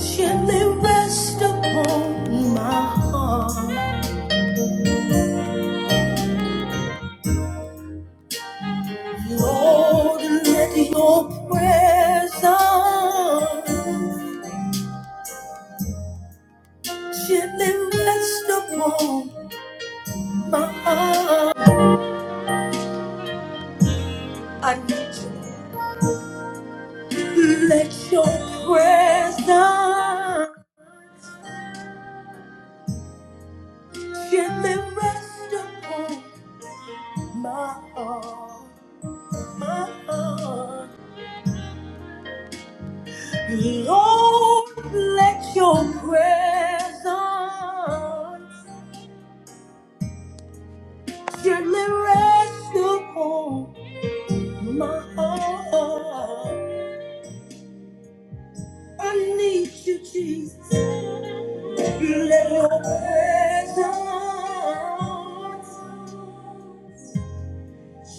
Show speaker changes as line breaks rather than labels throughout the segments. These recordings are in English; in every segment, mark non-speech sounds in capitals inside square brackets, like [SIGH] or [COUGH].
Gently rest upon my heart, Lord, and let your presence gently rest upon my heart. I need you. Let your presence gently rest upon my heart, my heart. Lord, let your presence Your liberation for my heart. I need you, Jesus. Let your presence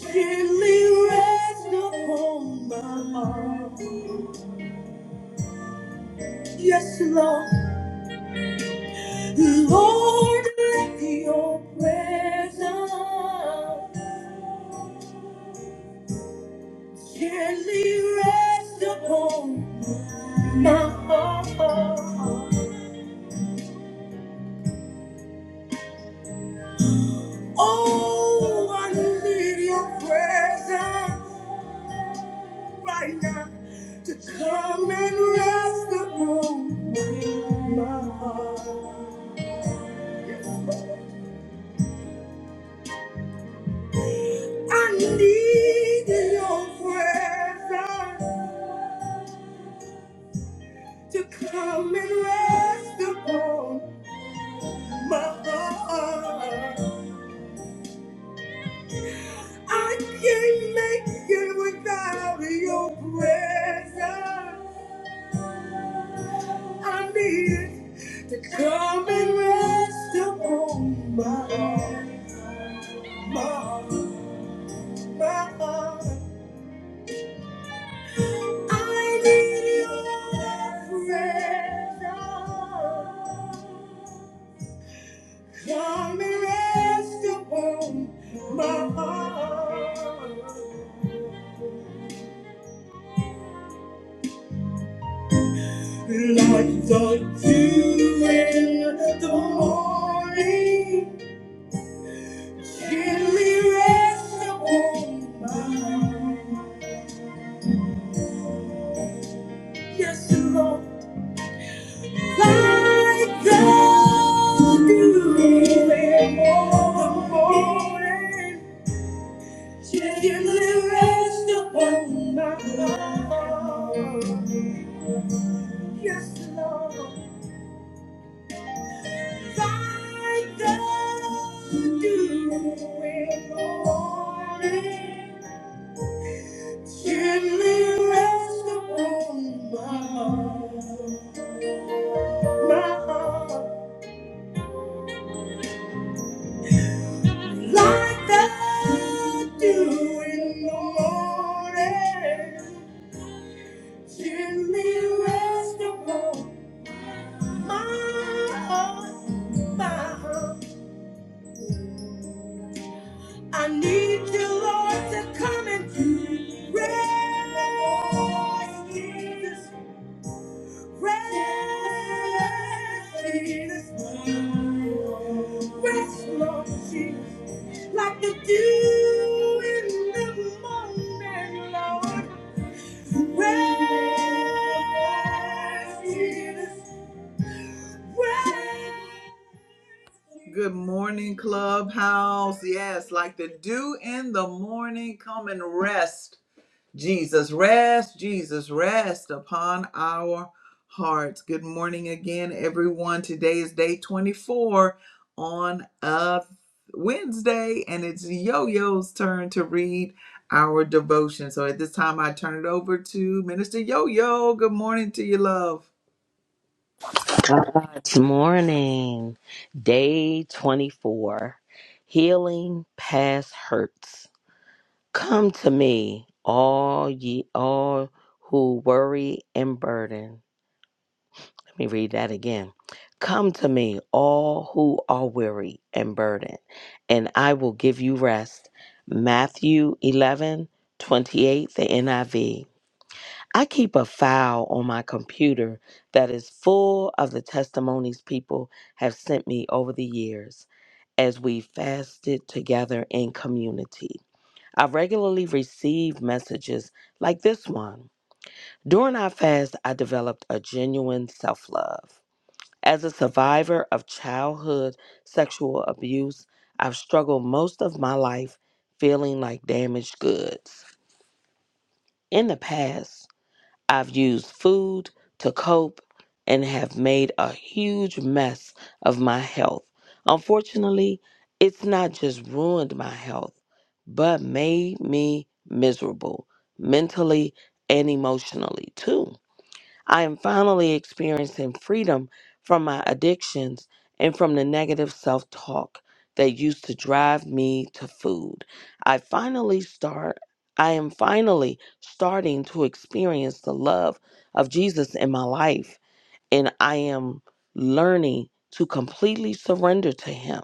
gently rest upon my heart. Yes, Lord. Lord, let your presence Gently rest upon my heart. Oh, I need your presence right now to come and rest upon my heart. I need your presence to come and rest upon my heart. I can't make it without your presence. I need it to come and rest upon my heart, my heart, my heart. I need your presence. Come and rest upon my heart. Like the dew in the morning, gently rest upon my mind. yes, Lord. Like the dew in the morning, gently rest upon my mind. yes, Lord. Like the dew in morning, gently rest upon my heart, my heart. Like the dew in the morning, gently rest upon my heart, my heart. I need you, Lord, to come and do rest, Jesus, rest, Jesus, rest, Lord Jesus, like the dew in the morning, Lord, rest, Jesus. Good morning, Clubhouse. Yes, like the dew in the morning, come and rest, Jesus. Rest, Jesus. Rest upon our hearts. Good morning again, everyone. Today is day 24 on a Wednesday, and it's Yo Yo's turn to read our devotion. So at this time, I turn it over to Minister Yo Yo. Good morning to you, love.
God's morning, day 24. Healing past hurts. Come to me, all ye all who worry and burden. Let me read that again. Come to me, all who are weary and burdened, and I will give you rest. Matthew 11 28, the NIV. I keep a file on my computer that is full of the testimonies people have sent me over the years as we fasted together in community. I regularly receive messages like this one. During our fast, I developed a genuine self love. As a survivor of childhood sexual abuse, I've struggled most of my life feeling like damaged goods. In the past, I've used food to cope and have made a huge mess of my health. Unfortunately, it's not just ruined my health, but made me miserable mentally and emotionally too. I am finally experiencing freedom from my addictions and from the negative self talk that used to drive me to food. I finally start I am finally starting to experience the love of Jesus in my life and I am learning to completely surrender to him.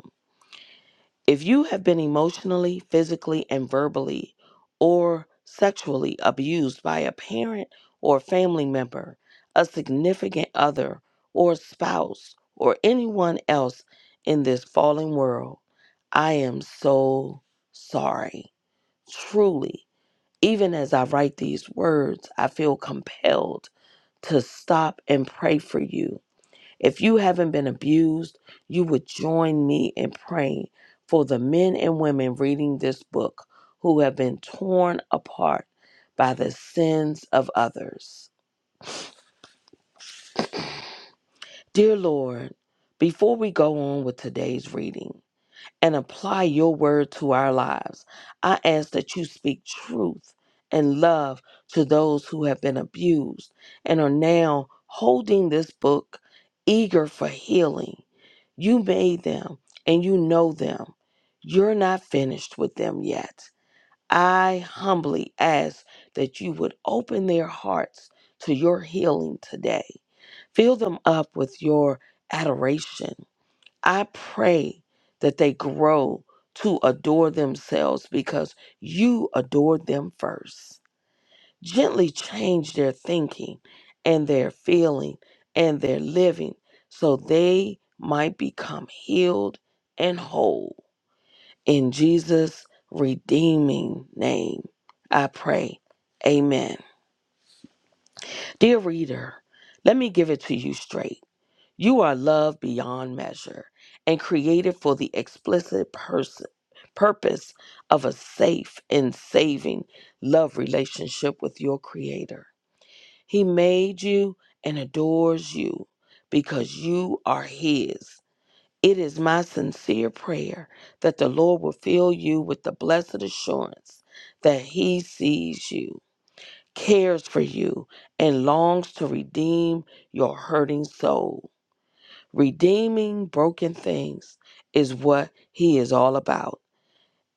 If you have been emotionally, physically, and verbally or sexually abused by a parent or family member, a significant other, or spouse, or anyone else in this fallen world, I am so sorry. Truly, even as I write these words, I feel compelled to stop and pray for you if you haven't been abused, you would join me in praying for the men and women reading this book who have been torn apart by the sins of others. Dear Lord, before we go on with today's reading, and apply your word to our lives. I ask that you speak truth and love to those who have been abused and are now holding this book eager for healing. You made them and you know them. You're not finished with them yet. I humbly ask that you would open their hearts to your healing today. Fill them up with your adoration I pray that they grow to adore themselves because you adored them first. Gently change their thinking and their feeling and their living so they might become healed and whole. In Jesus' redeeming name, I pray. Amen. Dear reader, let me give it to you straight. You are loved beyond measure and created for the explicit person, purpose of a safe and saving love relationship with your Creator. He made you and adores you because you are His. It is my sincere prayer that the Lord will fill you with the blessed assurance that He sees you, cares for you, and longs to redeem your hurting soul. Redeeming broken things is what he is all about.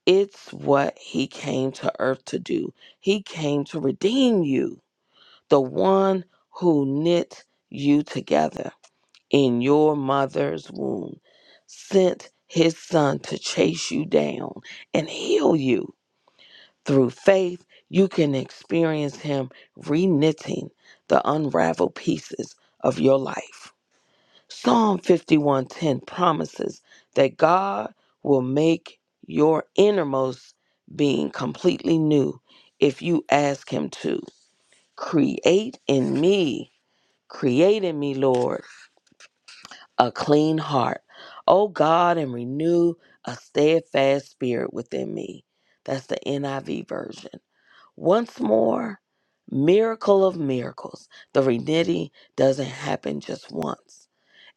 It's what he came to earth to do. He came to redeem you, the one who knit you together in your mother's womb, sent his son to chase you down and heal you. Through faith, you can experience him re knitting the unraveled pieces of your life. Psalm 51:10 promises that God will make your innermost being completely new if you ask him to. Create in me, create in me, Lord, a clean heart. O God, and renew a steadfast spirit within me. That's the NIV version. Once more, miracle of miracles. The renitty doesn't happen just once.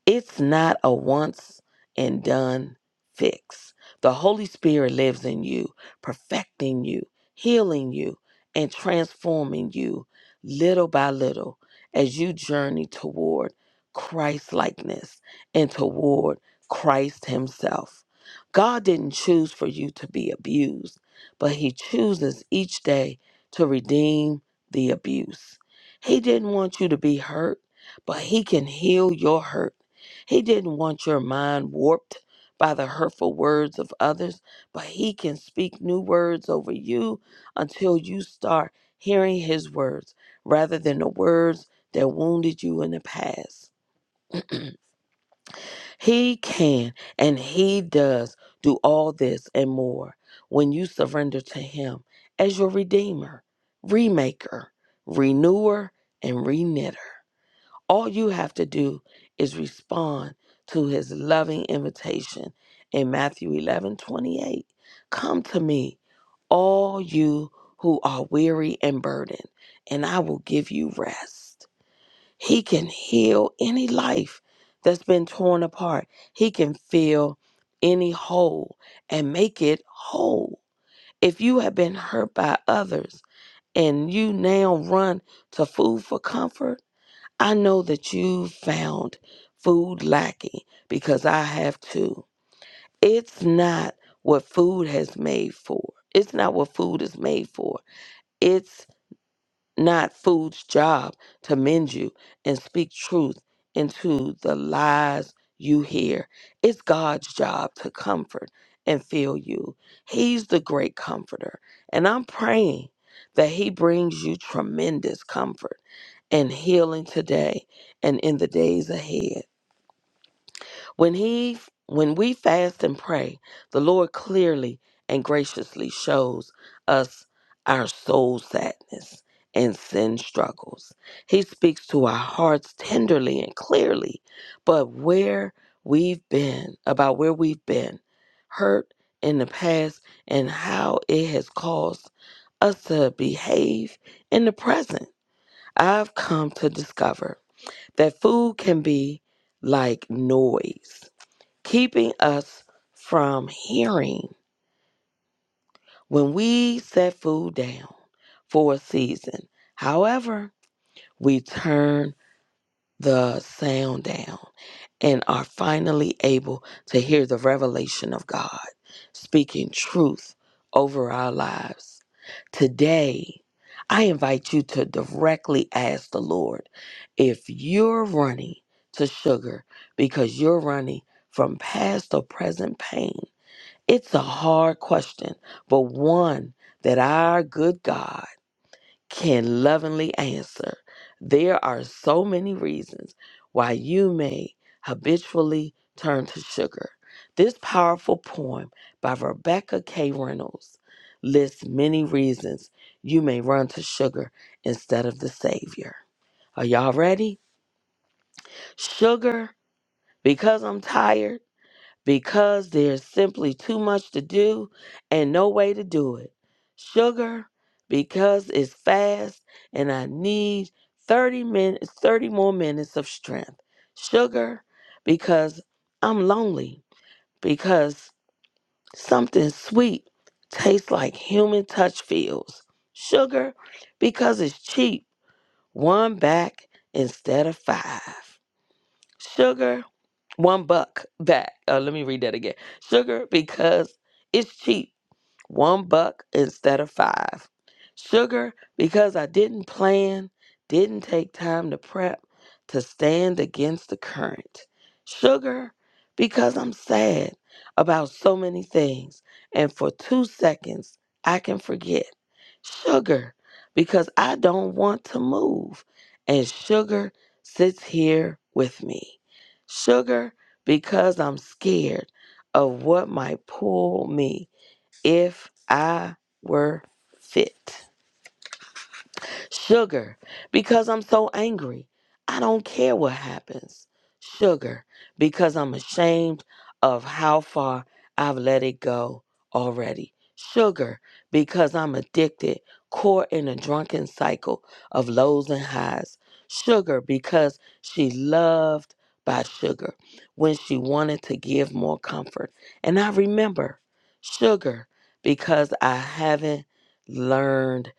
It's not a once and done fix. The Holy Spirit lives in you, perfecting you, healing you, and transforming you little by little as you journey toward Christ likeness and toward Christ Himself. God didn't choose for you to be abused, but He chooses each day to redeem the abuse. He didn't want you to be hurt, but He can heal your hurt he didn't want your mind warped by the hurtful words of others, but He can speak new words over you until you start hearing His words rather than the words that wounded you in the past. [CLEARS THROAT] He can and He does do all this and more when you surrender to Him as your Redeemer, Remaker, Renewer, and Reknitter. All you have to do is respond to his loving invitation in Matthew 11 28. Come to me, all you who are weary and burdened, and I will give you rest. He can heal any life that's been torn apart, He can fill any hole and make it whole. If you have been hurt by others and you now run to food for comfort, I know that you found food lacking because I have too. It's not what food has made for. It's not what food is made for. It's not food's job to mend you and speak truth into the lies you hear. It's God's job to comfort and fill you. He's the great comforter. And I'm praying that He brings you tremendous comfort and healing today and in the days ahead. When he when we fast and pray, the Lord clearly and graciously shows us our soul sadness and sin struggles. He speaks to our hearts tenderly and clearly, but where we've been, about where we've been hurt in the past and how it has caused us to behave in the present. I've come to discover that food can be like noise, keeping us from hearing when we set food down for a season. However, we turn the sound down. and are finally able to hear the revelation of God speaking truth over our lives. Today, I invite you to directly ask the Lord if you're running to sugar because you're running from past or present pain. It's a hard question, but one that our good God can lovingly answer. There are so many reasons why you may habitually turn to sugar. This powerful poem by Rebecca K. Reynolds lists many reasons you may run to sugar instead of the Savior. Are y'all ready? Sugar, because I'm tired because there's simply too much to do and no way to do it. Sugar, because it's fast and I need 30 minutes, 30 more minutes of strength. Sugar, because I'm lonely, because something sweet tastes like human touch feels. Sugar, because it's cheap, one back instead of five. Sugar, one buck back. Uh, let me read that again. Sugar because it's cheap one buck instead of five. Sugar, because I didn't plan, didn't take time to prep, to stand against the current. Sugar, because I'm sad about so many things, and for two seconds, I can forget. Sugar, because I don't want to move, and sugar sits here with me. Sugar, because I'm scared of what might pull me if I were fit. Sugar, because I'm so angry. I don't care what happens. Sugar, because I'm ashamed of how far I've let it go already. Sugar, because I'm addicted, caught in a drunken cycle of lows and highs. Sugar, because she loved by sugar when she wanted to give more comfort. And I remember sugar because I haven't learned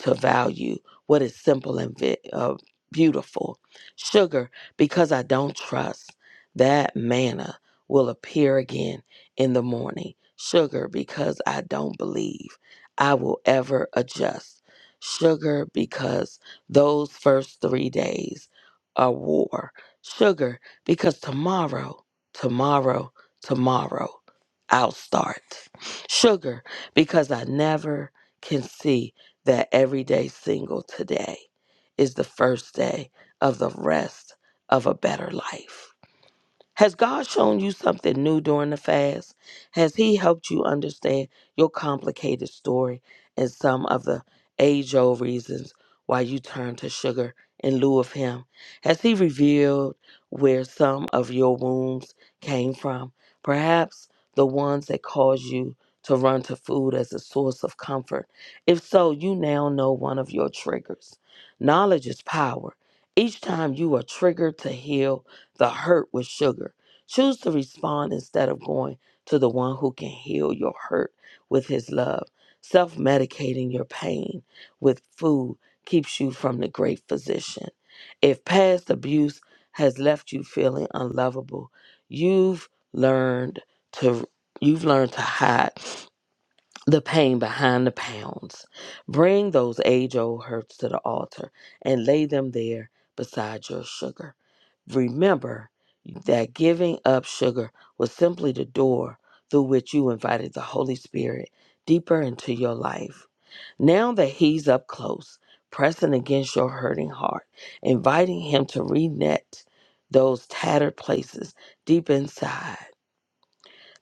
to value what is simple and vi- uh, beautiful. Sugar, because I don't trust that manna will appear again in the morning. Sugar, because I don't believe I will ever adjust. Sugar, because those first three days are war. Sugar, because tomorrow, tomorrow, tomorrow, I'll start. Sugar, because I never can see that every day single today is the first day of the rest of a better life. Has God shown you something new during the fast? Has He helped you understand your complicated story and some of the age old reasons why you turned to sugar in lieu of Him? Has He revealed where some of your wounds came from? Perhaps the ones that caused you to run to food as a source of comfort. If so, you now know one of your triggers. Knowledge is power. Each time you are triggered to heal, the hurt with sugar. Choose to respond instead of going to the one who can heal your hurt with his love. Self medicating your pain with food keeps you from the great physician. If past abuse has left you feeling unlovable, you've learned to you've learned to hide the pain behind the pounds. Bring those age old hurts to the altar and lay them there beside your sugar. Remember that giving up sugar was simply the door through which you invited the Holy Spirit deeper into your life. Now that He's up close, pressing against your hurting heart, inviting Him to re-net those tattered places deep inside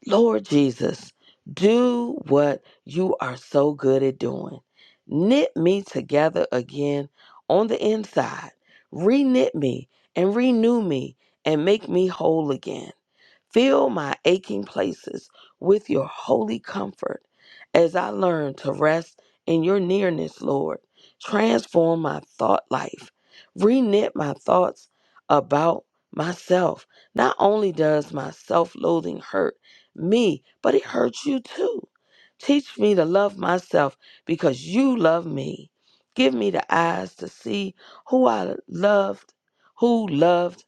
Lord Jesus, do what you are so good at doing. Knit me together again on the inside. Reknit me and renew me and make me whole again. Fill my aching places with your holy comfort as I learn to rest in your nearness, Lord. Transform my thought life. Reknit my thoughts about myself. Not only does my self loathing hurt me, but it hurts you too. Teach me to love myself because you love me. Give me the eyes to see who I loved, who loved.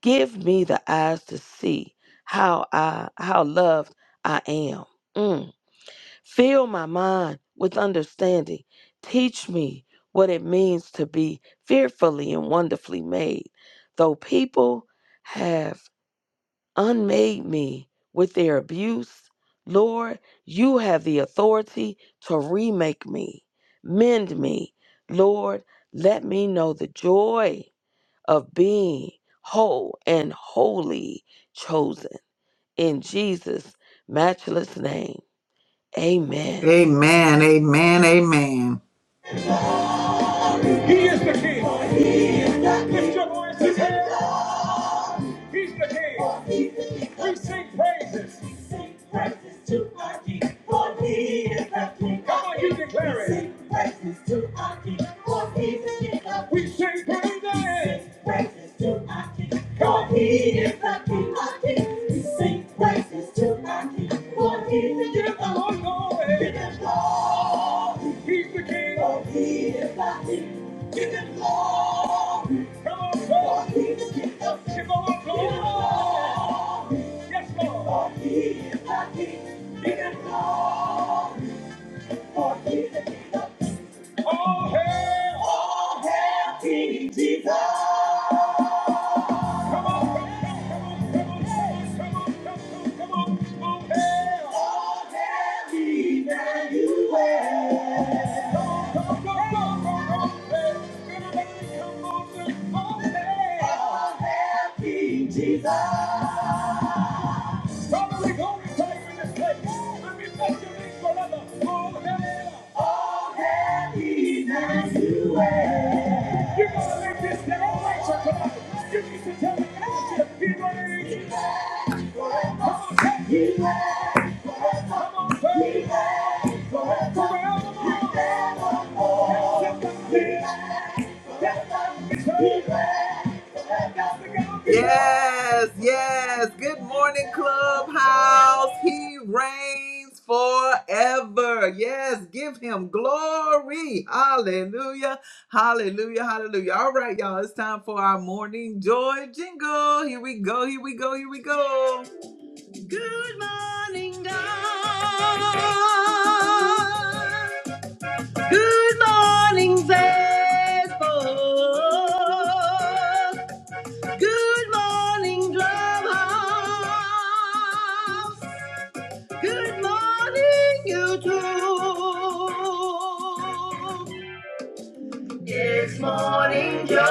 Give me the eyes to see how I how loved I am. Mm. Fill my mind with understanding. Teach me what it means to be fearfully and wonderfully made. Though people have unmade me with their abuse, Lord, you have the authority to remake me, mend me. Lord, let me know the joy of being whole and wholly chosen. In Jesus' matchless name, amen.
Amen. Amen. Amen. He's the King. We sing praises. We sing praises to our King, for he is the King Come of on, you Kings. We declare it. We sing praises to our King, for he is the King of Kings. We sing praises. We sing praises to our King, for he is the King of Kings. We sing praises to our King, for he is the King of Kings. Give him glory, He's the King. for he is the King. Give him glory. Come on, come on. Come on, come on. Yes, Lord. All hail. Come on, come on, come on, come on, come on, come on, come on. come on. All hail. Come on, come on, come on, come on, come on. Hey, everybody, come on, come on. All King Jesus. Father, we're Somebody go and type in this place. Let me bless your name forever. Oh, hell. Oh, hell, Jesus, you are. You're going to make this thing all right, so come on. You need to tell me that you He reigns. He reigns. Come on, take me. He Come on, tell me. He Forever. Forevermore. Forevermore. Yes, yes. Good morning, Clubhouse. He reigns forever. Yes, give him glory. Hallelujah. Hallelujah. Hallelujah. All right, y'all. It's time for our morning joy jingle. Here we go. Here we go. Here we go. Good morning, God. Good morning, Facebook. Good morning, Clubhouse. Good morning, YouTube. It's morning joy.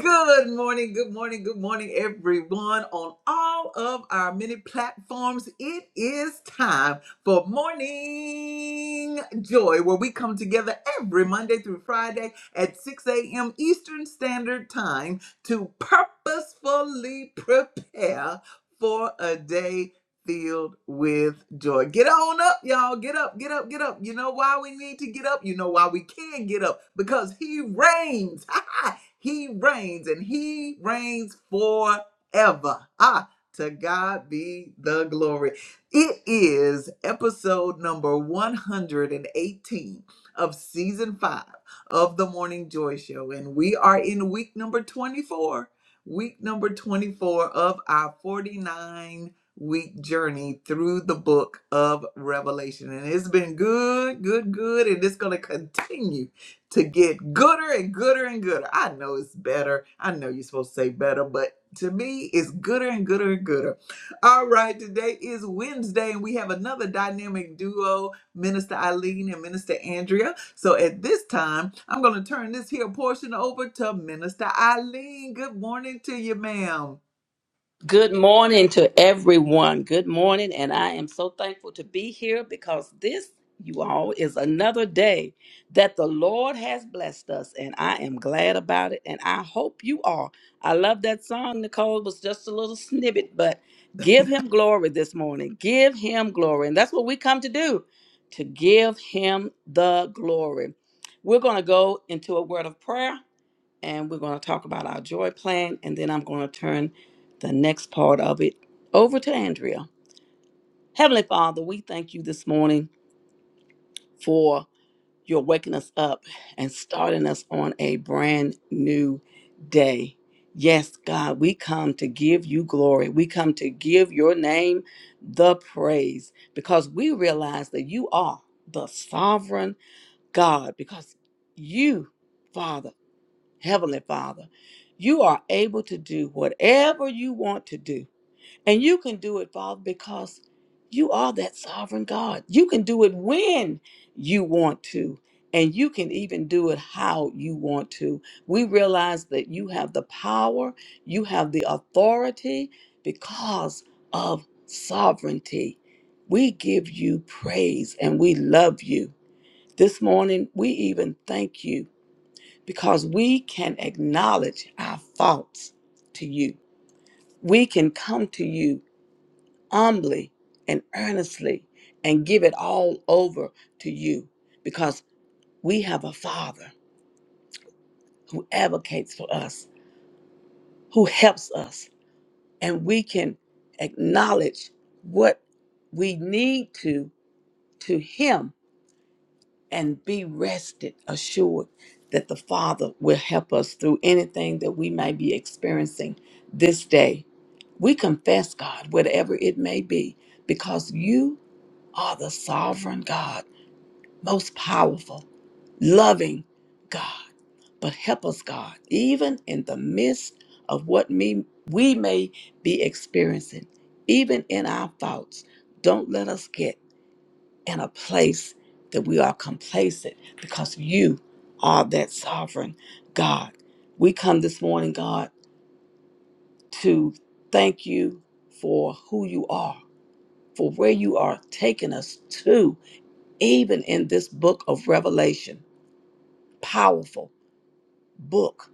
Good morning, good morning, good morning, everyone on all of our many platforms. It is time for Morning Joy, where we come together every Monday through Friday at 6 a.m. Eastern Standard Time to purposefully prepare. For a day filled with joy. Get on up, y'all. Get up, get up, get up. You know why we need to get up? You know why we can get up? Because he reigns. [LAUGHS] he reigns and he reigns forever. Ah, to God be the glory. It is episode number 118 of season five of the Morning Joy Show, and we are in week number 24. Week number 24 of our 49 week journey through the book of Revelation. And it's been good, good, good. And it's going to continue to get gooder and gooder and gooder. I know it's better. I know you're supposed to say better, but to me, it's gooder and gooder and gooder. All right, today is Wednesday, and we have another dynamic duo, Minister Eileen and Minister Andrea. So at this time, I'm going to turn this here portion over to Minister Eileen. Good morning to you, ma'am.
Good morning to everyone. Good morning. And I am so thankful to be here because this, you all, is another day that the Lord has blessed us. And I am glad about it. And I hope you are. I love that song, Nicole. It was just a little snippet, but give him glory this morning. Give him glory. And that's what we come to do to give him the glory. We're going to go into a word of prayer and we're going to talk about our joy plan, and then I'm going to turn the next part of it over to Andrea. Heavenly Father, we thank you this morning for your waking us up and starting us on a brand new day. Yes, God, we come to give you glory. We come to give your name the praise because we realize that you are the sovereign God, because you, Father, Heavenly Father, you are able to do whatever you want to do. And you can do it, Father, because you are that sovereign God. You can do it when you want to. And you can even do it how you want to. We realize that you have the power, you have the authority because of sovereignty. We give you praise and we love you. This morning, we even thank you because we can acknowledge our faults to you. We can come to you humbly and earnestly and give it all over to you because we have a Father who advocates for us, who helps us, and we can acknowledge what we need to to Him and be rested assured that the Father will help us through anything that we may be experiencing this day. We confess, God, whatever it may be, because you are the sovereign God, most powerful, loving God. But help us, God, even in the midst of what me, we may be experiencing, even in our thoughts. Don't let us get in a place that we are complacent because you are that sovereign God. We come this morning, God, to thank you for who you are, for where you are taking us to, even in this book of Revelation, powerful book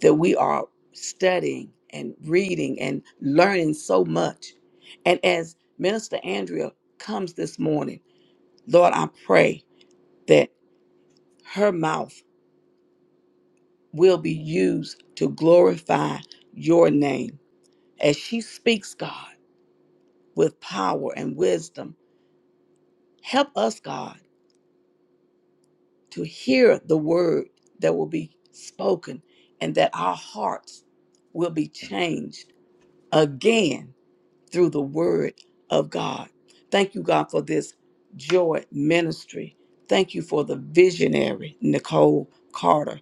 that we are studying and reading and learning so much. And as Minister Andrea comes this morning, Lord, I pray that her mouth will be used to glorify your name. As she speaks, God, with power and wisdom, help us, God, to hear the word that will be spoken and that our hearts will be changed again through the word of God. Thank you, God, for this joy ministry. Thank you for the visionary, Nicole Carter.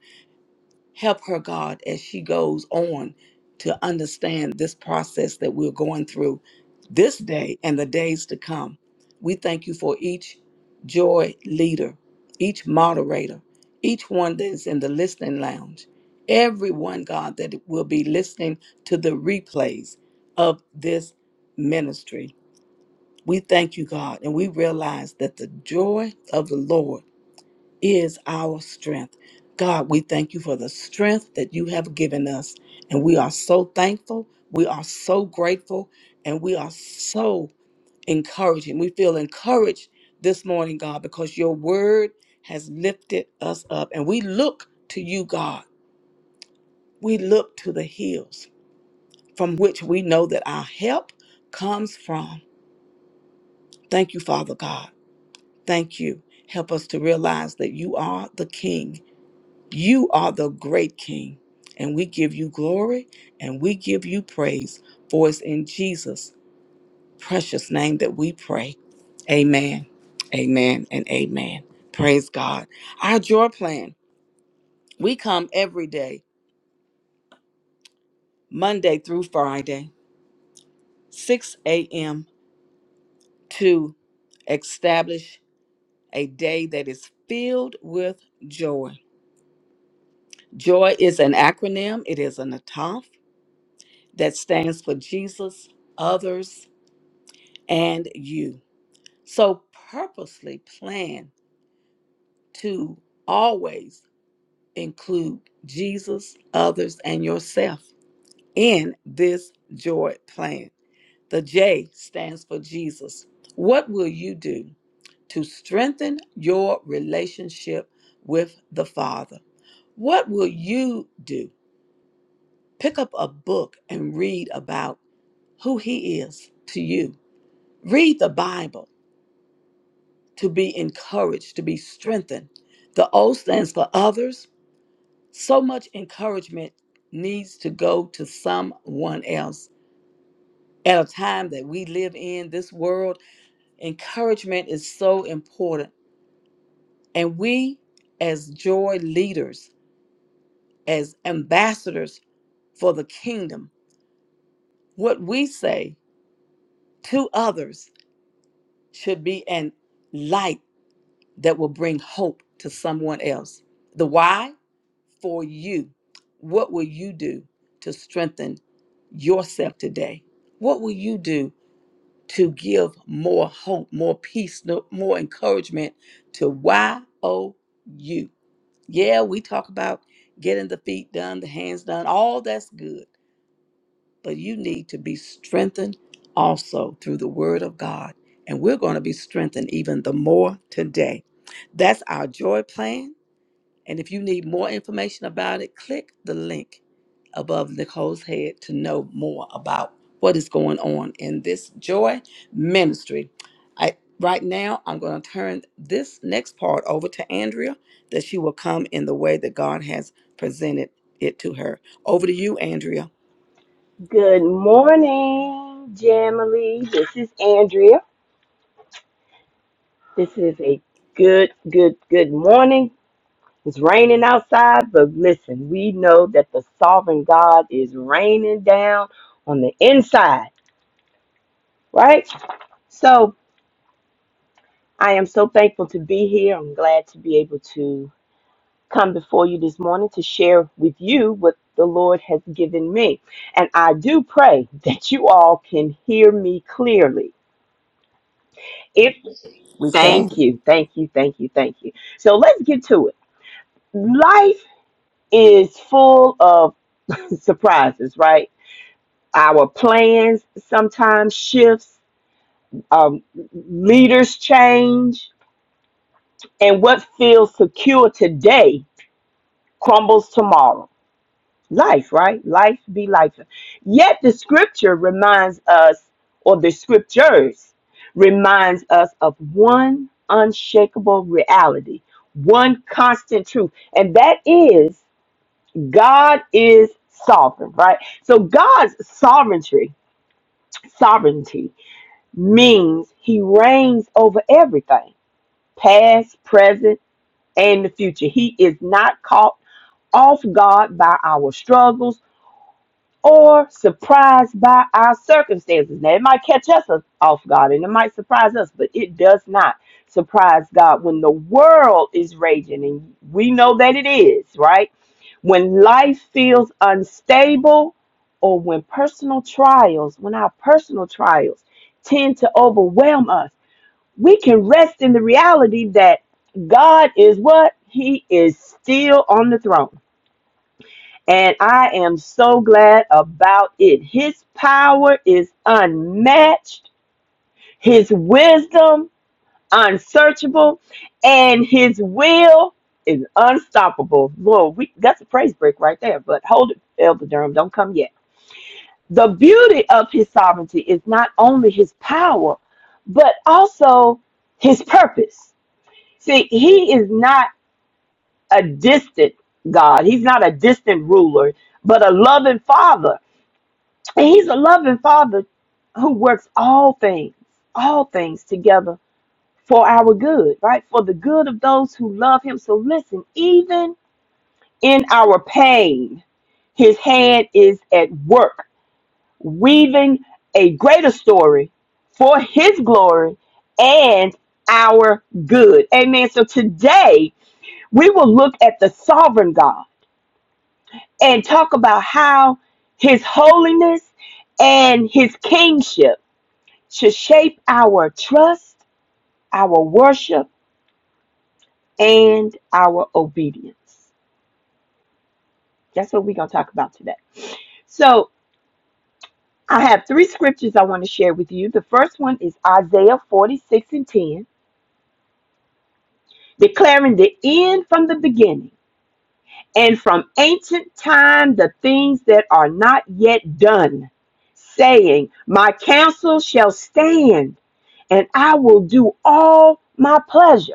Help her, God, as she goes on to understand this process that we're going through this day and the days to come. We thank you for each joy leader, each moderator, each one that is in the listening lounge, everyone, God, that will be listening to the replays of this ministry. We thank you, God, and we realize that the joy of the Lord is our strength. God, we thank you for the strength that you have given us. And we are so thankful. We are so grateful. And we are so encouraging. We feel encouraged this morning, God, because your word has lifted us up. And we look to you, God. We look to the hills from which we know that our help comes from. Thank you, Father God. Thank you. Help us to realize that you are the King You are the great King, and we give you glory and we give you praise, for it's in Jesus' precious name that we pray. Amen, amen, and amen. Praise God. Our joy plan, we come every day, Monday through Friday, 6 a.m. to establish a day that is filled with joy. Joy is an acronym, it is an ataf that stands for Jesus, others, and you. So purposely plan to always include Jesus, others, and yourself in this joy plan. The J stands for Jesus. What will you do to strengthen your relationship with the Father? What will you do? Pick up a book and read about who He is to you. Read the Bible to be encouraged, to be strengthened. The O stands for others. So much encouragement needs to go to someone else. At a time that we live in this world, encouragement is so important. And we, as joy leaders, as ambassadors for the kingdom, what we say to others should be an light that will bring hope to someone else. The why? for you. What will you do to strengthen yourself today? What will you do to give more hope, more peace, no- more encouragement to YOU? Yeah, we talk about getting the feet done, the hands done, all that's good, but you need to be strengthened also through the word of God. And we're going to be strengthened even the more today. That's our joy plan. And if you need more information about it, click the link above Nicole's head to know more about what is going on in this joy ministry. I right now I'm going to turn this next part over to Andrea that she will come in the way that God has presented it to her. Over to you, Andrea.
Good morning, Jamily. This is Andrea. This is a good, good, good morning. It's raining outside, but listen, we know that the sovereign God is raining down on the inside, right? So I am so thankful to be here. I'm glad to be able to come before you this morning to share with you what the Lord has given me. And I do pray that you all can hear me clearly If
We
thank
can.
you, thank you, thank you, thank you. So let's get to it. Life is full of [LAUGHS] surprises, right? Our plans sometimes shifts, um, leaders change, and what feels secure today crumbles tomorrow. life, right? Life be life. Yet the scripture reminds us, or the scriptures reminds us of one unshakable reality, one constant truth, and that is God is sovereign, right? So God's sovereignty, sovereignty means he reigns over everything, past, present, and the future. He is not caught off guard by our struggles or surprised by our circumstances. Now, it might catch us off guard and it might surprise us, but it does not surprise God when the world is raging, and we know that it is, right? When life feels unstable, or when personal trials, when our personal trials tend to overwhelm us, we can rest in the reality that God is what? He is still on the throne. And I am so glad about it. His power is unmatched, His wisdom unsearchable, and His will is unstoppable. Lord, we, that's a praise break right there. But hold it, Elder Durham, don't come yet. The beauty of His sovereignty is not only His power, but also His purpose. See, He is not a distant God, He's not a distant ruler, but a loving Father And he's a loving father who works all things, all things together for our good, right? For the good of those who love him. So listen, even in our pain, his hand is at work, weaving a greater story for his glory and our good. Amen. So today we will look at the sovereign God and talk about how his holiness and his kingship to shape our trust, our worship, and our obedience. That's what we're going to talk about today. So, I have three scriptures I want to share with you. The first one is Isaiah 46 and 10, declaring the end from the beginning, and from ancient time the things that are not yet done, saying, My counsel shall stand, and I will do all my pleasure.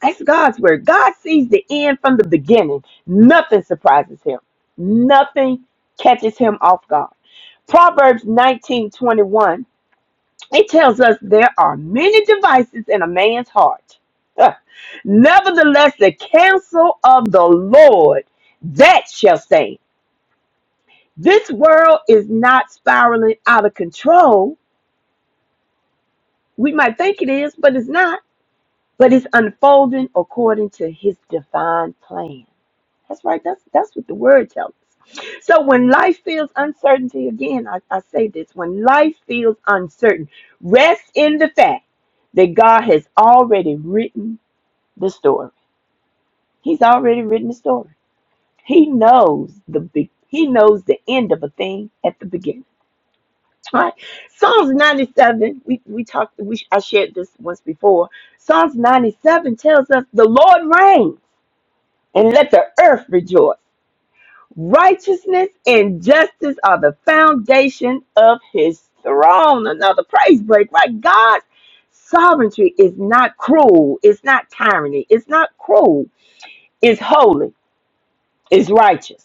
That's God's word. God sees the end from the beginning. Nothing surprises him. Nothing catches him off guard. Proverbs 19 21. it tells us there are many devices in a man's heart. Huh. Nevertheless, the counsel of the Lord that shall stand. This world is not spiraling out of control. We might think it is, but it's not. But it's unfolding according to his divine plan. That's right. That's that's what the word tells us. So when life feels uncertainty, again, I, I say this: when life feels uncertain, rest in the fact that God has already written the story. He's already written the story. He knows the be- he knows the end of a thing at the beginning. All Right. Psalms 97, we, we talked, we, I shared this once before. Psalms 97 tells us the Lord reigns and let the earth rejoice. Righteousness and justice are the foundation of his throne. Another praise break, right? God's sovereignty is not cruel, it's not tyranny, it's not cruel, it's holy, it's righteous.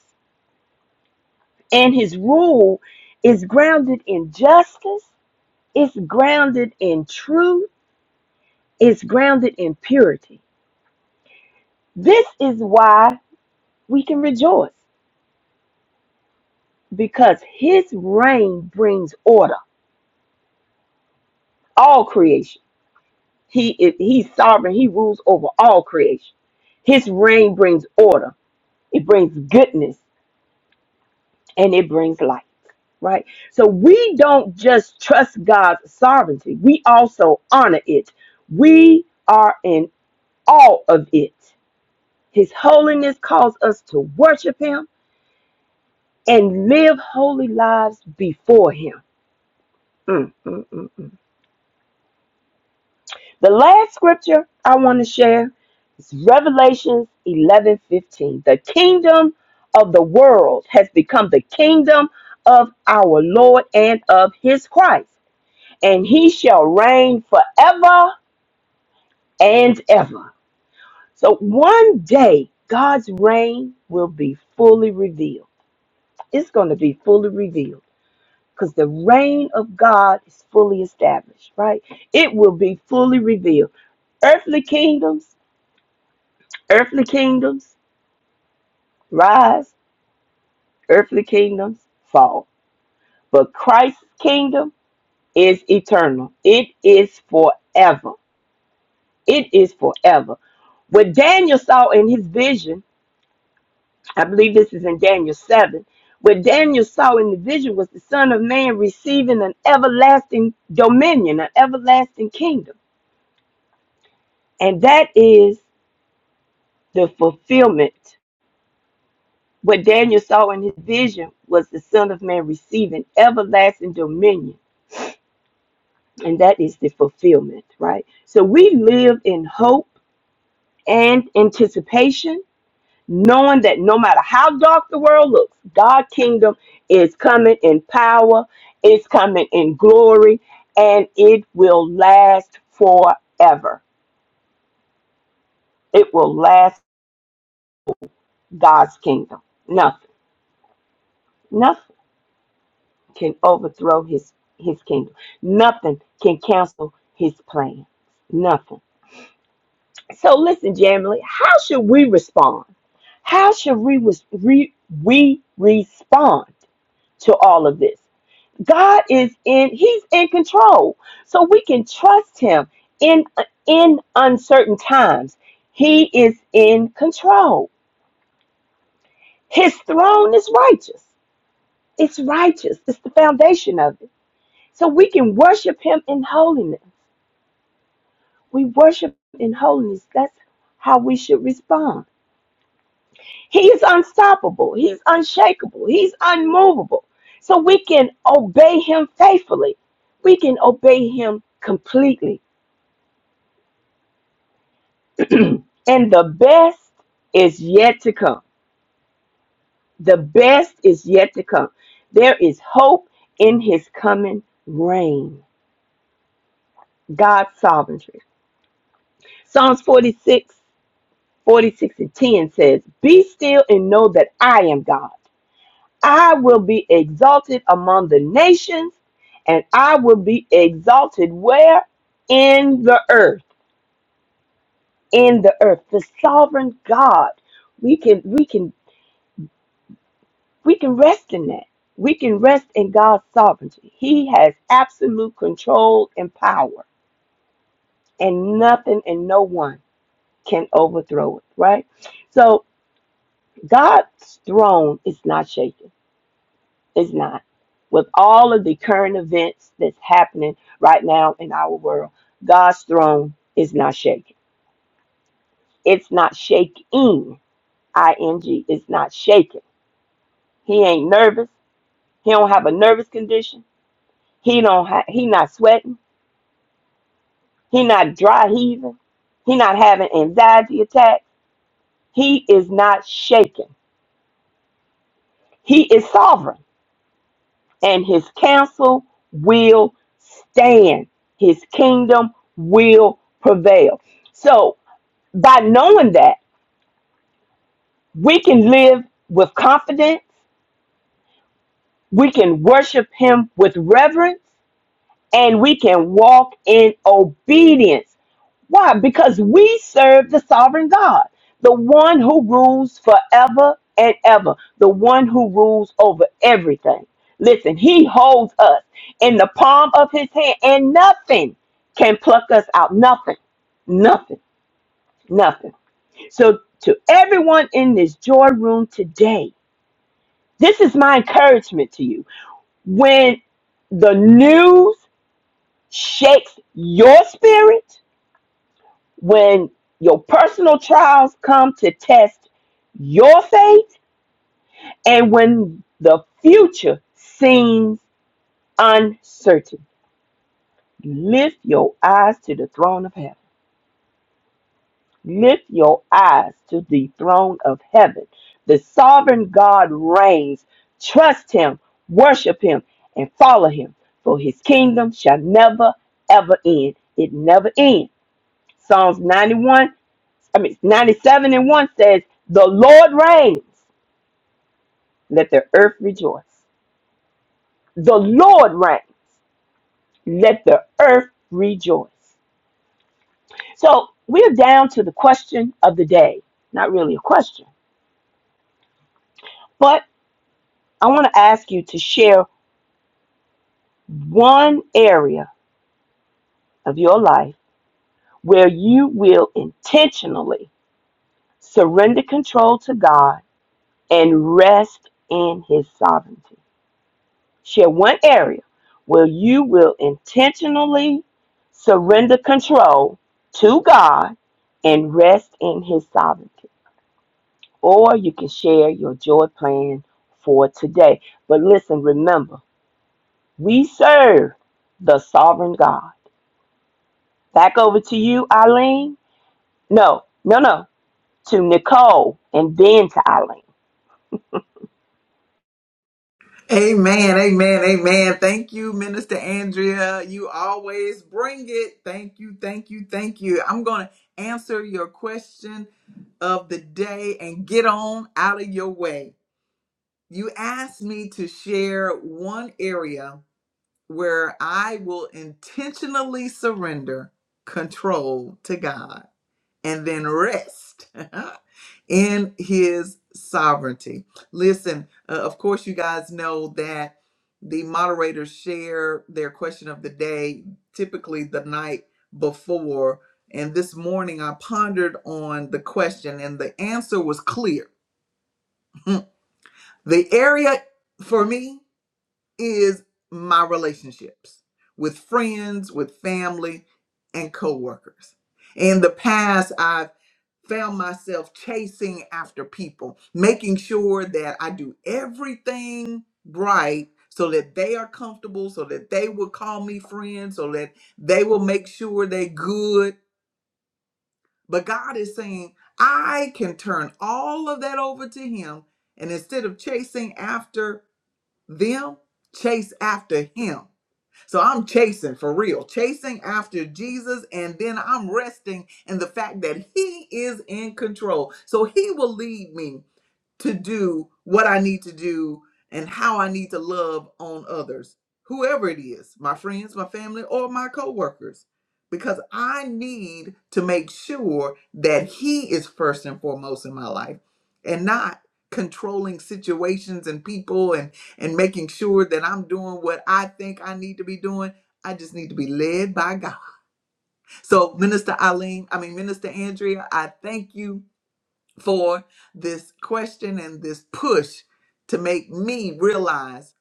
And his rule is grounded in justice, it's grounded in truth, it's grounded in purity. This is why we can rejoice because his reign brings order, all creation He is he's sovereign. He rules over all creation. His reign brings order. It brings goodness and it brings light, right? So we don't just trust God's sovereignty. We also honor it. We are in awe of it. His holiness calls us to worship him and live holy lives before him. Mm, mm, mm, mm. The last scripture I want to share is Revelation 11:15. The kingdom of the world has become the kingdom of our Lord and of his Christ, and he shall reign forever and ever. So one day God's reign will be fully revealed. It's going to be fully revealed because the reign of God is fully established, right? It will be fully revealed. Earthly kingdoms Earthly kingdoms rise, earthly kingdoms fall. But Christ's kingdom is eternal, it is forever. It is forever. What Daniel saw in his vision, I believe this is in Daniel 7. What Daniel saw in the vision was the Son of Man receiving an everlasting dominion, an everlasting kingdom. And that is the fulfillment. What Daniel saw in his vision was the Son of Man receiving everlasting dominion and that is the fulfillment, right? So we live in hope and anticipation, knowing that no matter how dark the world looks, God's kingdom is coming in power, it's coming in glory, and it will last forever. It will last God's kingdom. Nothing, nothing can overthrow his his kingdom. Nothing can cancel his plan. Nothing. So listen, Jamily, how should we respond? How should we, re- we respond to all of this? God is in, He's in control. So we can trust Him in, in uncertain times. He is in control. His throne is righteous. It's righteous, it's the foundation of it. So we can worship Him in holiness. We worship in holiness. That's how we should respond. He is unstoppable. He's unshakable. He's unmovable. So we can obey him faithfully. We can obey him completely. And the best is yet to come. The best is yet to come. There is hope in his coming reign. God's sovereignty. Psalms 46:46 and 10 says, Be still and know that I am God. I will be exalted among the nations, and I will be exalted where? In the earth. In the earth. The sovereign God. We can we can we can rest in that. We can rest in God's sovereignty. He has absolute control and power, and nothing and no one can overthrow it, right? So God's throne is not shaken. It's not. With all of the current events that's happening right now in our world, God's throne is not shaking. It's not shaking. ing. It's not shaking. He ain't nervous. He don't have a nervous condition. He don't. Ha- he not sweating. He not dry heaving. He not having anxiety attack. He is not shaking. He is sovereign. and his counsel will stand. His kingdom will prevail. So, by knowing that, we can live with confidence, we can worship him with reverence, and we can walk in obedience Why? Because we serve the sovereign God, the one who rules forever and ever, the one who rules over everything. Listen, he holds us in the palm of his hand, and nothing can pluck us out. Nothing, nothing, nothing. So, to everyone in this joy room today, this is my encouragement to you. When the news shakes your spirit, when your personal trials come to test your faith and when the future seems uncertain. Lift your eyes to the throne of heaven. Lift your eyes to the throne of heaven. The sovereign God reigns. Trust him, worship him, and follow him, for his kingdom shall never, ever end. It never ends. Psalms 91 I mean, 97 and 1 says, The Lord reigns. Let the earth rejoice. The Lord reigns. Let the earth rejoice. So we're down to the question of the day. Not really a question, but I want to ask you to share one area of your life where you will intentionally surrender control to God and rest in His sovereignty. Share one area where you will intentionally surrender control to God and rest in His sovereignty. Or you can share your joy plan for today. But listen, remember, we serve the sovereign God. Back over to you, Eileen. No, no, no. To Nicole and then to Eileen.
Amen, amen, amen. Thank you, Minister Andrea. You always bring it. Thank you, thank you, thank you. I'm going to answer your question of the day and get on out of your way. You asked me to share one area where I will intentionally surrender control to God and then rest. [LAUGHS] in his sovereignty. Listen, uh, of course, you guys know that the moderators share their question of the day typically the night before. And this morning, I pondered on the question, and the answer was clear. [LAUGHS] the area for me is my relationships with friends, with family, and coworkers. In the past, I've found myself chasing after people, making sure that I do everything right so that they are comfortable, so that they will call me friends, so that they will make sure they're good. But God is saying, I can turn all of that over to Him. And instead of chasing after them, chase after Him so I'm chasing for real, chasing after Jesus, and then I'm resting in the fact that He is in control. So He will lead me to do what I need to do and how I need to love on others, whoever it is, my friends, my family, or my coworkers, because I need to make sure that He is first and foremost in my life and not controlling situations and people and and making sure that I'm doing what I think I need to be doing. I just need to be led by God. So Minister Eileen, I mean Minister Andrea, I thank you for this question and this push to make me realize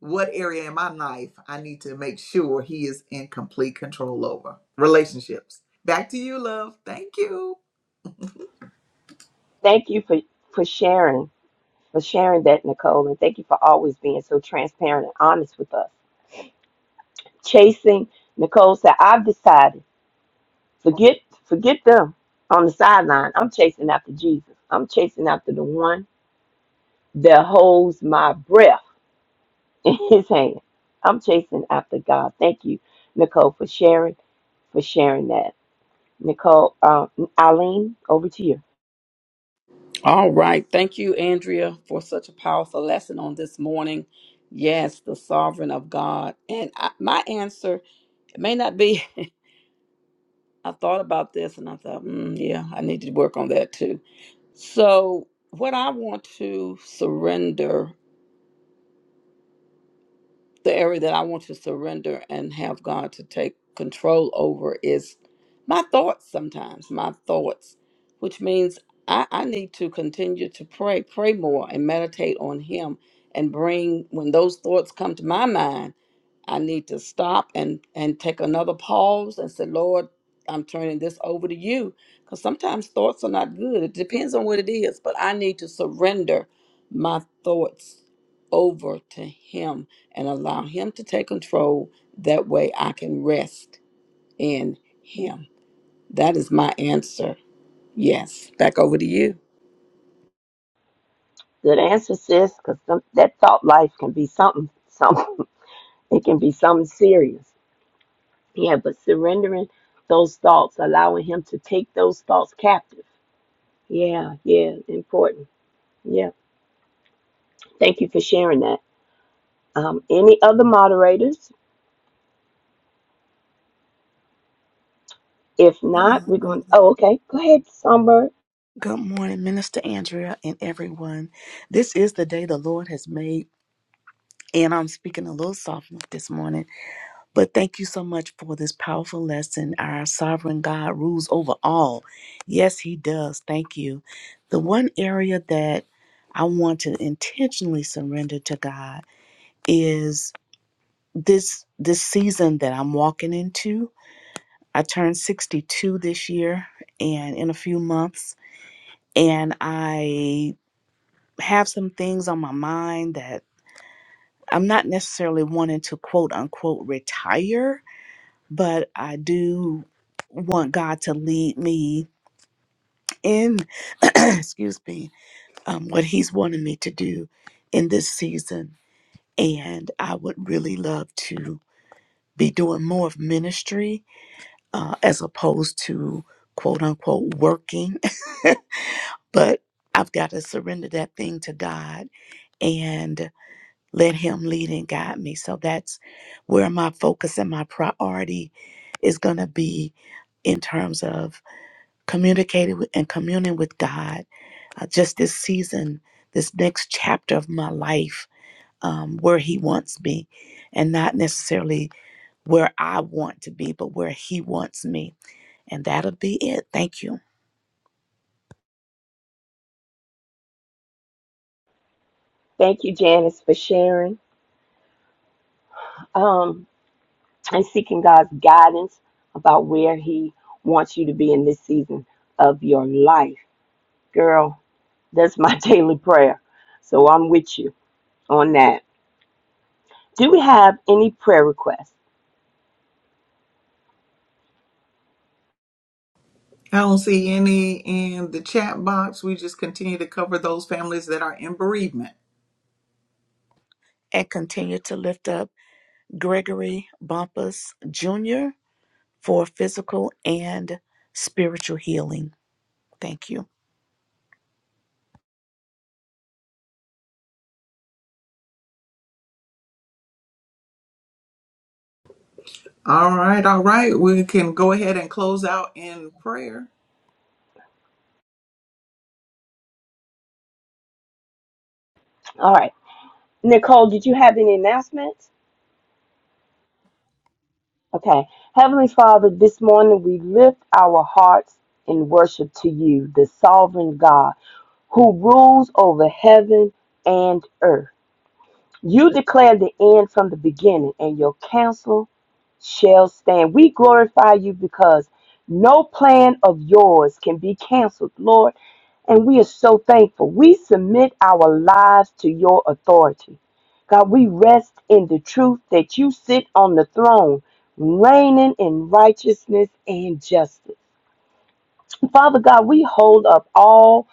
what area in my life I need to make sure he is in complete control over. Relationships. Back to you, love. Thank you.
Thank you for, for sharing, for sharing that, Nicole, and thank you for always being so transparent and honest with us chasing. Nicole said, I've decided, forget, forget them on the sideline. I'm chasing after Jesus. I'm chasing after the one that holds my breath [LAUGHS] in his hand. I'm chasing after God. Thank you, Nicole, for sharing, for sharing that. Nicole, um, Eileen, over to you.
All right. Thank you, Andrea, for such a powerful lesson on this morning. Yes, the sovereign of God. And I, my answer it may not be, [LAUGHS] I thought about this and I thought, mm, yeah, I need to work on that too. So, what I want to surrender the area that I want to surrender and have God to take control over is my thoughts sometimes, my thoughts, which means I, I need to continue to pray, pray more, and meditate on Him and bring, when those thoughts come to my mind, I need to stop and, and take another pause and say, Lord, I'm turning this over to you. Because sometimes thoughts are not good. It depends on what it is, but I need to surrender my thoughts over to Him and allow Him to take control. That way I can rest in Him. That is my answer. Yes. Back over to you.
Good answer, sis, because that thought life can be something, something. [LAUGHS] It can be something serious. Yeah, but surrendering those thoughts, allowing him to take those thoughts captive Yeah, yeah, important. Yeah. Thank you for sharing that. Um, any other moderators? If
Good
not,
morning.
we're going, oh, okay. Go ahead, Summer.
Good morning, Minister Andrea and everyone. This is the day the Lord has made, and I'm speaking a little softly this morning. But thank you so much for this powerful lesson. Our sovereign God rules over all. Yes, He does. Thank you. The one area that I want to intentionally surrender to God is this this season that I'm walking into. I turned 62 this year and in a few months and I have some things on my mind that I'm not necessarily wanting to quote unquote retire, but I do want God to lead me in, [CLEARS THROAT] excuse me, um, what He's wanting me to do in this season. And I would really love to be doing more of ministry uh, as opposed to quote unquote working. [LAUGHS] but I've got to surrender that thing to God. And Let Him lead and guide me. So that's where my focus and my priority is going to be in terms of communicating with, and communing with God. Uh, just this season, this next chapter of my life, um, where He wants me, and not necessarily where I want to be, but where He wants me. And that'll be it. Thank you.
Thank you, Janice, for sharing um, and seeking God's guidance about where He wants you to be in this season of your life. Girl, that's my [LAUGHS] daily prayer. So I'm with you on that. Do we have any prayer requests?
I don't see any in the chat box. We just continue to cover those families that are in bereavement.
And continue to lift up Gregory Bumpus Jr. for physical and spiritual healing. Thank you.
All right, all right. We can go ahead and close out in prayer.
All right. Nicole, did you have any announcements? Okay. Heavenly Father, this morning we lift our hearts in worship to you, the sovereign God who rules over heaven and earth. You declare the end from the beginning, and your counsel shall stand. We glorify you because no plan of yours can be canceled, Lord. And we are so thankful. We submit our lives to your authority. God, we rest in the truth that you sit on the throne, reigning in righteousness and justice. Father God, we hold up all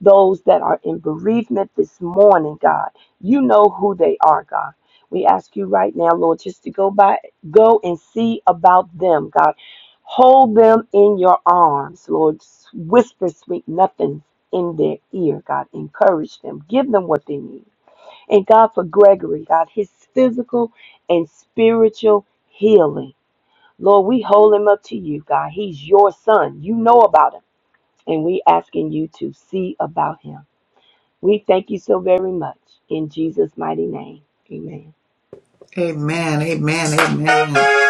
those that are in bereavement this morning, God. You know who they are, God. We ask you right now, Lord, just to go by, go and see about them, God. Hold them in your arms, Lord. Whisper sweet nothings in their ear, God. Encourage them. Give them what they need. And God, for Gregory, God, his physical and spiritual healing. Lord, we hold him up to you, God. He's your son. You know about him. And we asking you to see about him. We thank you so very much in Jesus' mighty name. Amen.
Amen, amen, amen.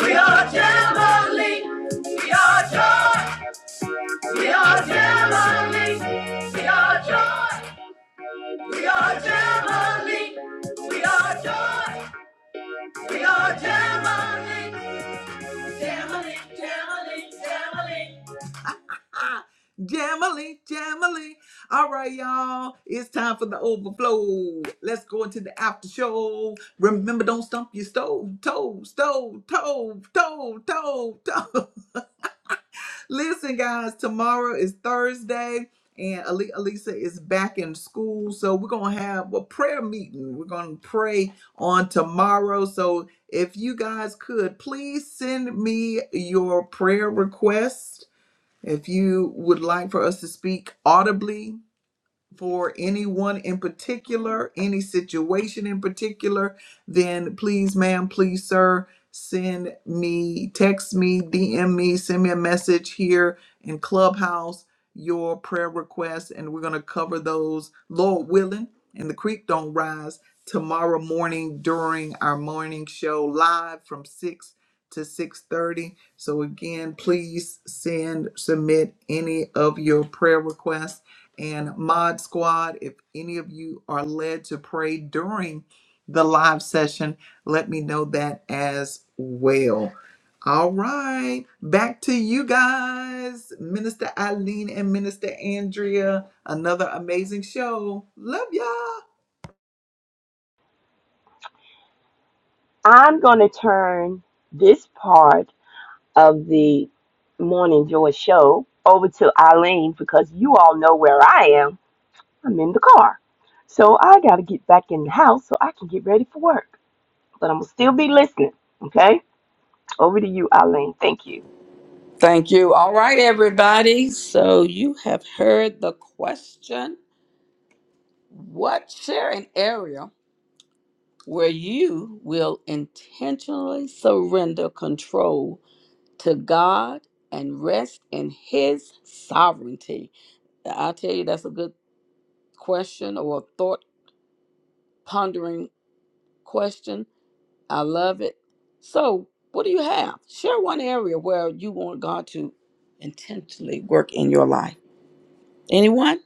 We are Jamboree. We are joy. We are Jamali. We are joy. We are Jamali. We are joy. We are Jamali. Jamali, Jamali, Jamali. Ah, Jamali, Jamali. All right, y'all. It's time for the overflow. Let's go into the after show. Remember, don't stump your stove, toe, stove, toe, toe, toe, toe. [LAUGHS] Listen, guys, tomorrow is Thursday, and Ali- Alisa is back in school. So we're going to have a prayer meeting. We're going to pray on tomorrow. So if you guys could, please send me your prayer request. If you would like for us to speak audibly, for anyone in particular, any situation in particular, then please, ma'am, please, sir, send me, text me, DM me, send me a message here in Clubhouse, your prayer requests, and we're going to cover those, Lord willing, and the creek don't rise tomorrow morning during our morning show live from 6 to 6.30 so again please send submit any of your prayer requests and Mod Squad, if any of you are led to pray during the live session, let me know that as well. All right, back to you guys, Minister Eileen and Minister Andrea. Another amazing show. Love y'all.
I'm going to turn this part of the Morning Joy show over to Eileen because you all know where I am. I'm in the car. So I got to get back in the house so I can get ready for work. But I'm going to still be listening. Okay? Over to you, Eileen. Thank you.
Thank you. All right, everybody. So you have heard the question What share an area where you will intentionally surrender control to God and rest in His sovereignty? I'll tell you, that's a good question or thought pondering question I love it. So, what do you have? Share one area where you want God to intentionally work in your life. Anyone?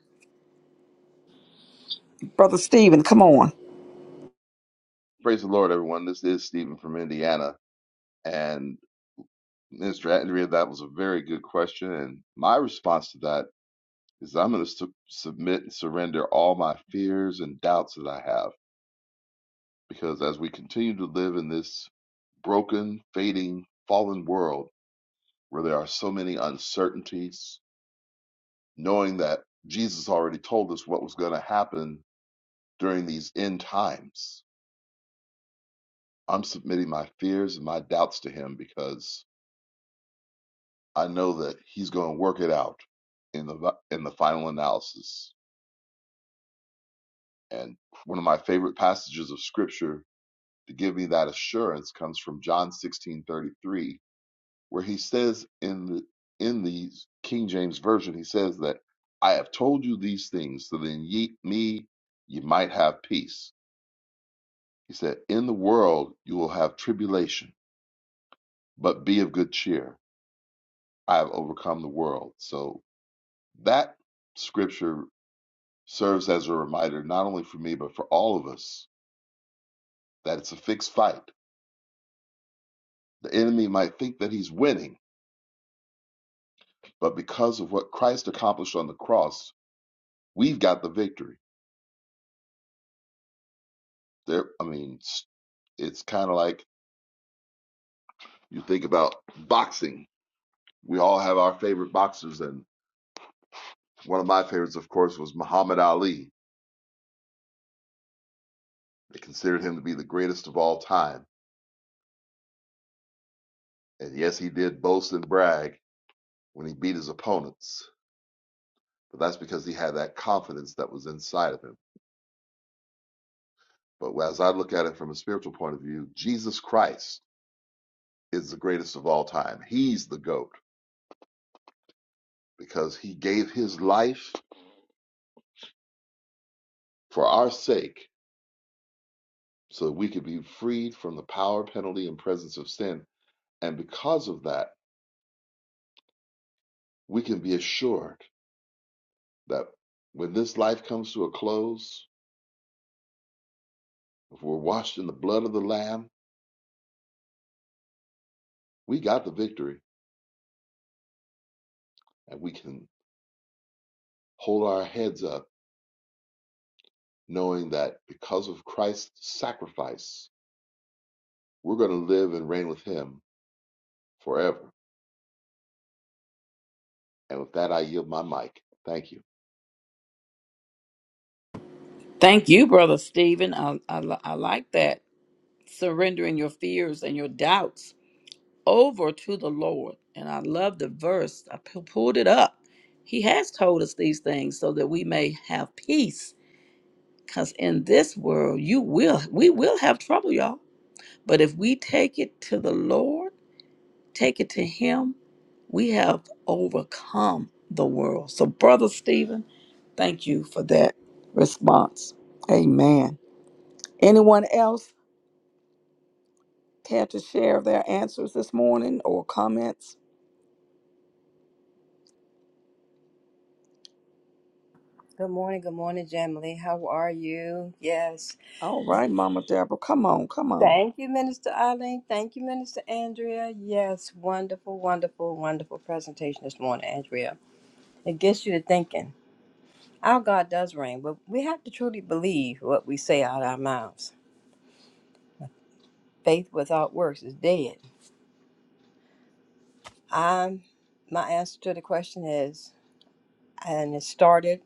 Brother Stephen, come on.
Praise the Lord, everyone. This is Stephen from Indiana. And Mr. Andrea, that was a very good question. And my response to that is I'm going to su- submit and surrender all my fears and doubts that I have. Because as we continue to live in this broken, fading, fallen world where there are so many uncertainties, knowing that Jesus already told us what was going to happen during these end times, I'm submitting my fears and my doubts to Him because I know that he's going to work it out in the in the final analysis. And one of my favorite passages of scripture to give me that assurance comes from John 16:33, where he says in the in the King James version, he says that I have told you these things so that in ye, me you might have peace. He said, "In the world you will have tribulation, but be of good cheer. I have overcome the world." So that scripture serves as a reminder, not only for me, but for all of us, that it's a fixed fight. The enemy might think that he's winning, but because of what Christ accomplished on the cross, we've got the victory. There, I mean, s- it's kind of like you think about boxing. We all have our favorite boxers, and one of my favorites, of course, was Muhammad Ali. They considered him to be the greatest of all time. And yes, he did boast and brag when he beat his opponents, but that's because he had that confidence that was inside of him But as I look at it from a spiritual point of view, Jesus Christ is the greatest of all time. He's the GOAT because he gave his life for our sake so that we could be freed from the power, penalty, and presence of sin. And because of that, we can be assured that when this life comes to a close, if we're washed in the blood of the Lamb, we got the victory and we can hold our heads up knowing that because of Christ's sacrifice, we're going to live and reign with him forever. And with that, I yield my mic. Thank you.
Thank you, Brother Stephen. I, I, li- I like that. Surrendering your fears and your doubts over to the Lord. And I love the verse. I pu- pulled it up. He has told us these things so that we may have peace. Because in this world, you will, we will have trouble, y'all. But if we take it to the Lord, Take it to Him. We have overcome the world. So, Brother Stephen, thank you for that response. Amen. Anyone else care to share their answers this morning or comments?
Good morning, good morning, Jamily. How are you? Yes.
All right, Mama Deborah, come on, come on.
Thank you, Minister Eileen. Thank you, Minister Andrea. Yes, wonderful, wonderful, wonderful presentation this morning, Andrea. It gets you to thinking. Our God does reign, but we have to truly believe what we say out of our mouths. Faith without works is dead. I'm, my answer to the question is, and it started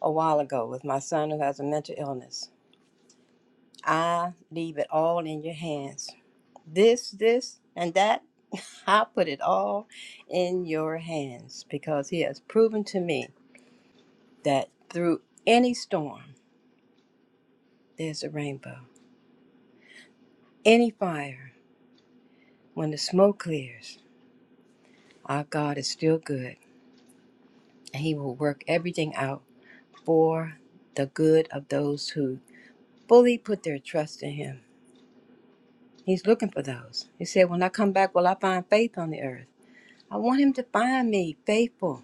a while ago with my son who has a mental illness. I leave it all in your hands. this, this, and that. [LAUGHS] I put it all in your hands because He has proven to me that through any storm, there's a rainbow. Any fire, when the smoke clears, our God is still good and He will work everything out for the good of those who fully put their trust in Him. He's looking for those. He said, When I come back, will I find faith on the earth? I want Him to find me faithful.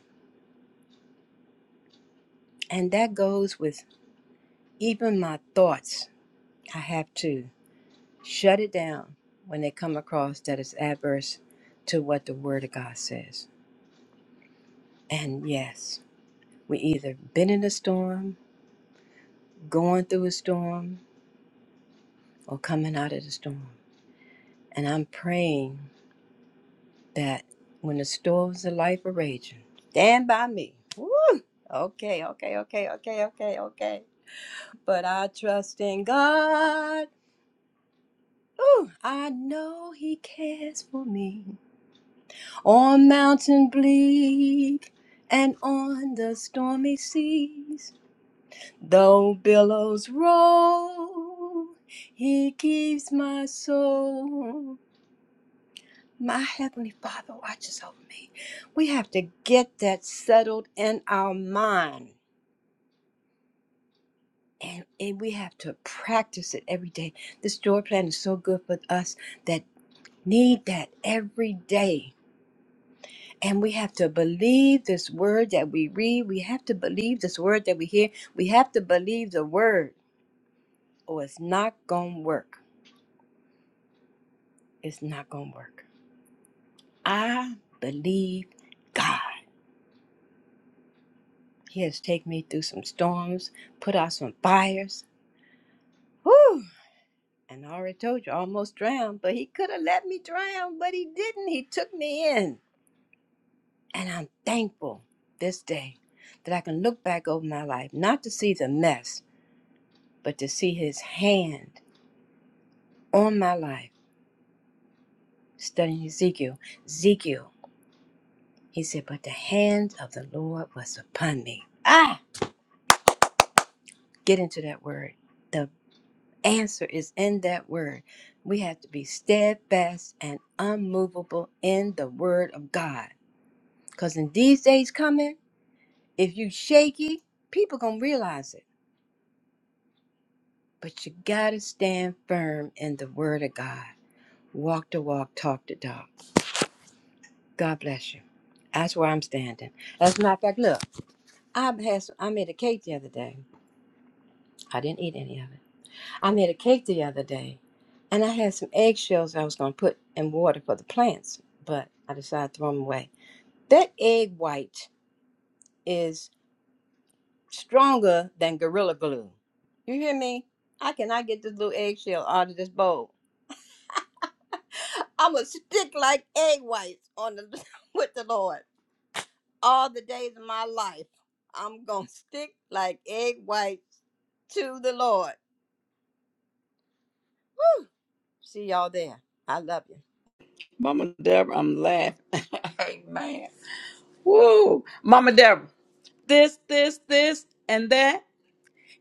And that goes with even my thoughts I have to shut it down when they come across that it's adverse to what the Word of God says. And yes, we either been in a storm, going through a storm, or coming out of the storm. And I'm praying that when the storms of life are raging, stand by me. Woo! Okay, okay, okay, okay, okay, okay. But I trust in God. Ooh, I know He cares for me. on mountain bleak and on the stormy seas. Though billows roll, he keeps my soul. My Heavenly Father watches over me. We have to get that settled in our mind. And, and we have to practice it every day. This joy plan is so good for us that need that every day And we have to believe this word that we read. We have to believe this word that we hear. We have to believe the word, or it's not going to work. It's not going to work. I believe God. He has taken me through some storms, put out some fires. Whew! And I already told you, I almost drowned, but he could have let me drown, but he didn't. He took me in. And I'm thankful this day that I can look back over my life, not to see the mess, but to see his hand all my life studying Ezekiel. Ezekiel, he said, but the hand of the Lord was upon me. Ah, get into that word. The answer is in that word. We have to be steadfast and unmovable in the word of God. Because in these days coming, if you shaky, people gonna realize it. But you gotta stand firm in the word of God. Walk the walk, talk the talk. God bless you. That's where I'm standing. As a matter of fact, look. I had some, I made a cake the other day. I didn't eat any of it. I made a cake the other day, and I had some eggshells I was going to put in water for the plants, but I decided to throw them away. That egg white is stronger than gorilla glue. You hear me? I cannot get this little eggshell out of this bowl. I'm gonna stick like egg whites on the [LAUGHS] with the Lord all the days of my life. I'm gonna stick like egg whites to the Lord. Whew. See y'all there. I love you.
Mama Deborah, I'm laughing. [LAUGHS] Amen. Woo! Mama Deborah, this, this, this, and that.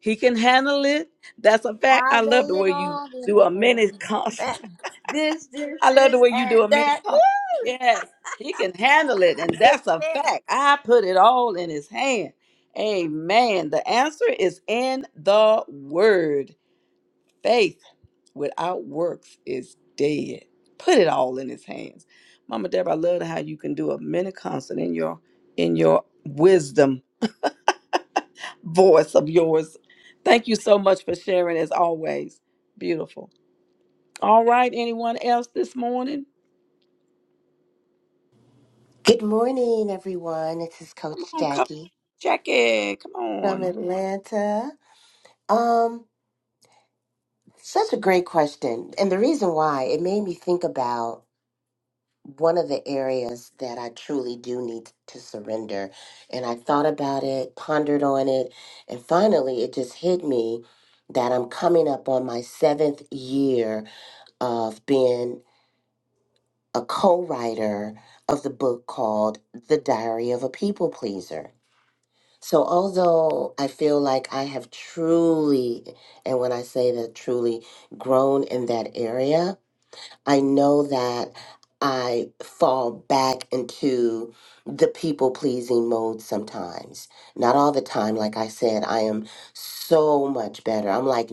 He can handle it. That's a fact.
I
I love the
lay it
way you
all in
do
the
a mini con- [LAUGHS]
hand. This, this,
I love the
this,
way you do a
and
mini
that. Woo!
concert. Yes, he can handle it, and that's a
Yeah.
fact. I put it all in his hand. Amen. The answer is in the word. Faith without works is dead. Put it all in his hands. Mama Deborah, I love how you can do a mini concert in your in your wisdom voice of yours. Thank you so much for sharing as always. Beautiful. All right, anyone else this morning?
Good morning, everyone. This is
Come
Coach
on, Coach
Jackie
Jackie. Come
from
on.
Atlanta. Um, such a great question. And the reason why it made me think about one of the areas that I truly do need to surrender. And I thought about it, pondered on it, and finally it just hit me that I'm coming up on my seventh year of being a co writer of the book called The Diary of a People Pleaser. So, although I feel like I have truly, and when I say that truly, grown in that area, I know that I fall back into the people pleasing mode sometimes. Not all the time. Like I said, I am so much better. I'm like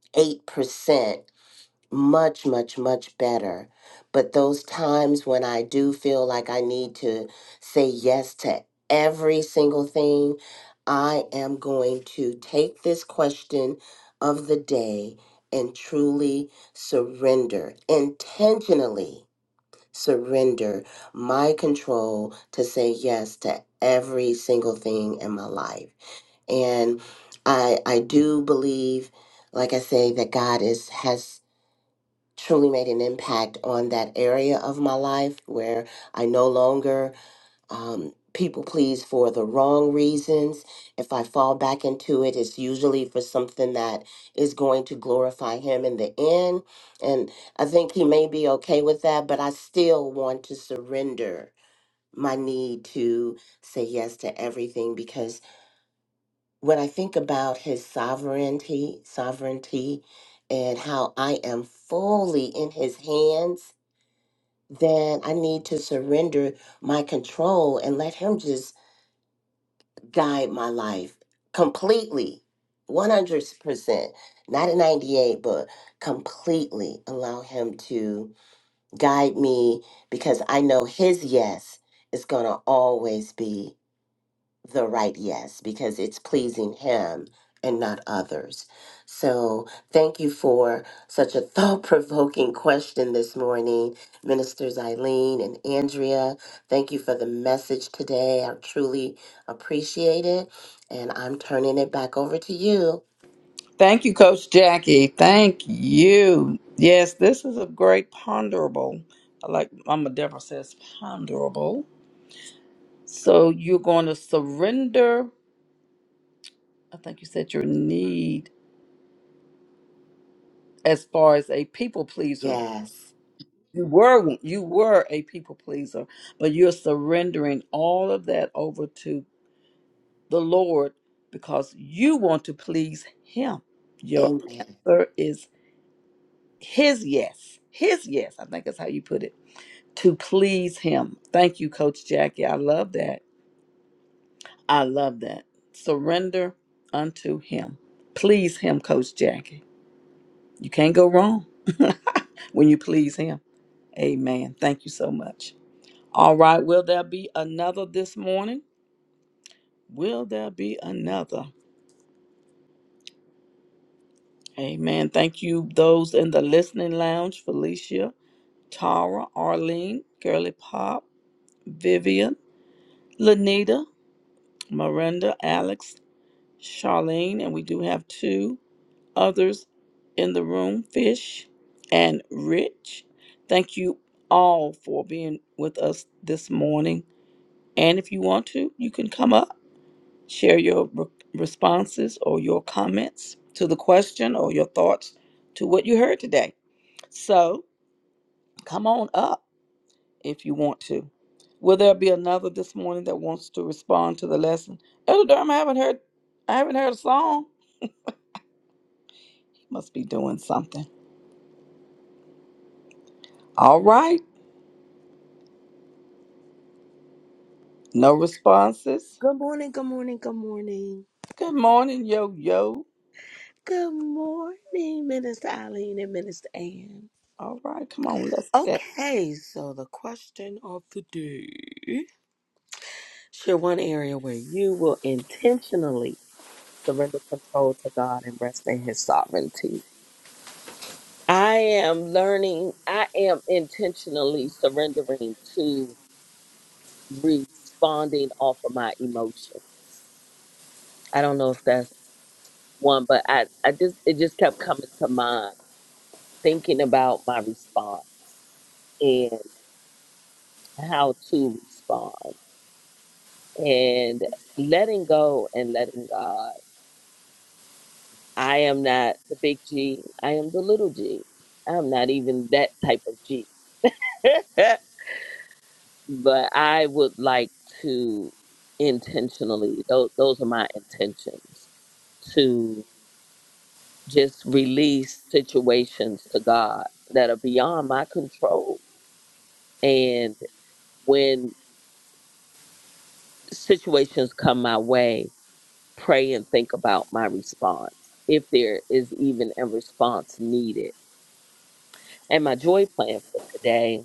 98% much, much, much better. But those times when I do feel like I need to say yes to every single thing, I am going to take this question of the day and truly surrender, intentionally surrender my control to say yes to every single thing in my life. And I I do believe like I say that God is has truly made an impact on that area of my life where I no longer um, people please for the wrong reasons. If I fall back into it, it's usually for something that is going to glorify Him in the end. And I think He may be okay with that, but I still want to surrender my need to say yes to everything because when I think about His sovereignty, sovereignty, and how I am fully in His hands then I need to surrender my control and let Him just guide my life completely, 100%, not a 98, but completely allow Him to guide me because I know His yes is going to always be the right yes because it's pleasing him and not others. So, thank you for such a thought provoking question this morning, Ministers Eileen and Andrea. Thank you for the message today. I truly appreciate it. And I'm turning it back over to you.
Thank you, Coach Jackie. Thank you. Yes, this is a great ponderable. Like Mama Deborah says, ponderable. So you're going to surrender, I think you said your need as far as a people pleaser.
Yes.
You were you were a people pleaser, but you're surrendering all of that over to the Lord because you want to please him. Your
Amen.
answer is his yes, his yes, I think that's how you put it, to please him. Thank you, Coach Jackie. I love that. I love that. Surrender unto him. Please him, Coach Jackie. You can't go wrong [LAUGHS] when you please him. Amen. Thank you so much. All right. Will there be another this morning? Will there be another? Amen. Thank you, those in the listening lounge Felicia, Tara, Arlene, Girly Pop, Vivian, Lanita. Miranda, Alex, Charlene, and we do have two others in the room, Fish and Rich. Thank you all for being with us this morning. And if you want to, you can come up, share your re- responses or your comments to the question or your thoughts to what you heard today. So come on up if you want to. Will there be another this morning that wants to respond to the lesson? Elder Durham, I haven't heard I haven't heard a song. Must be doing something. All right. No responses.
Good morning, good morning, good morning.
Good morning, yo yo.
Good morning, Minister Eileen and Minister Ann.
All right, come on, let's get.
Okay, so the question of the day. Share one area where you will intentionally surrender control to God and rest in His sovereignty. I am learning, I am intentionally surrendering to responding off of my emotions. I don't know if that's one, but I, I just it just kept coming to mind thinking about my response and how to respond and letting go and letting God. I am not the big G. I am the little G. I'm not even that type of G. [LAUGHS] but I would like to intentionally those those are my intentions to. just release situations to God that are beyond my control. And when situations come my way, pray and think about my response, if there is even a response needed. And my joy plan for today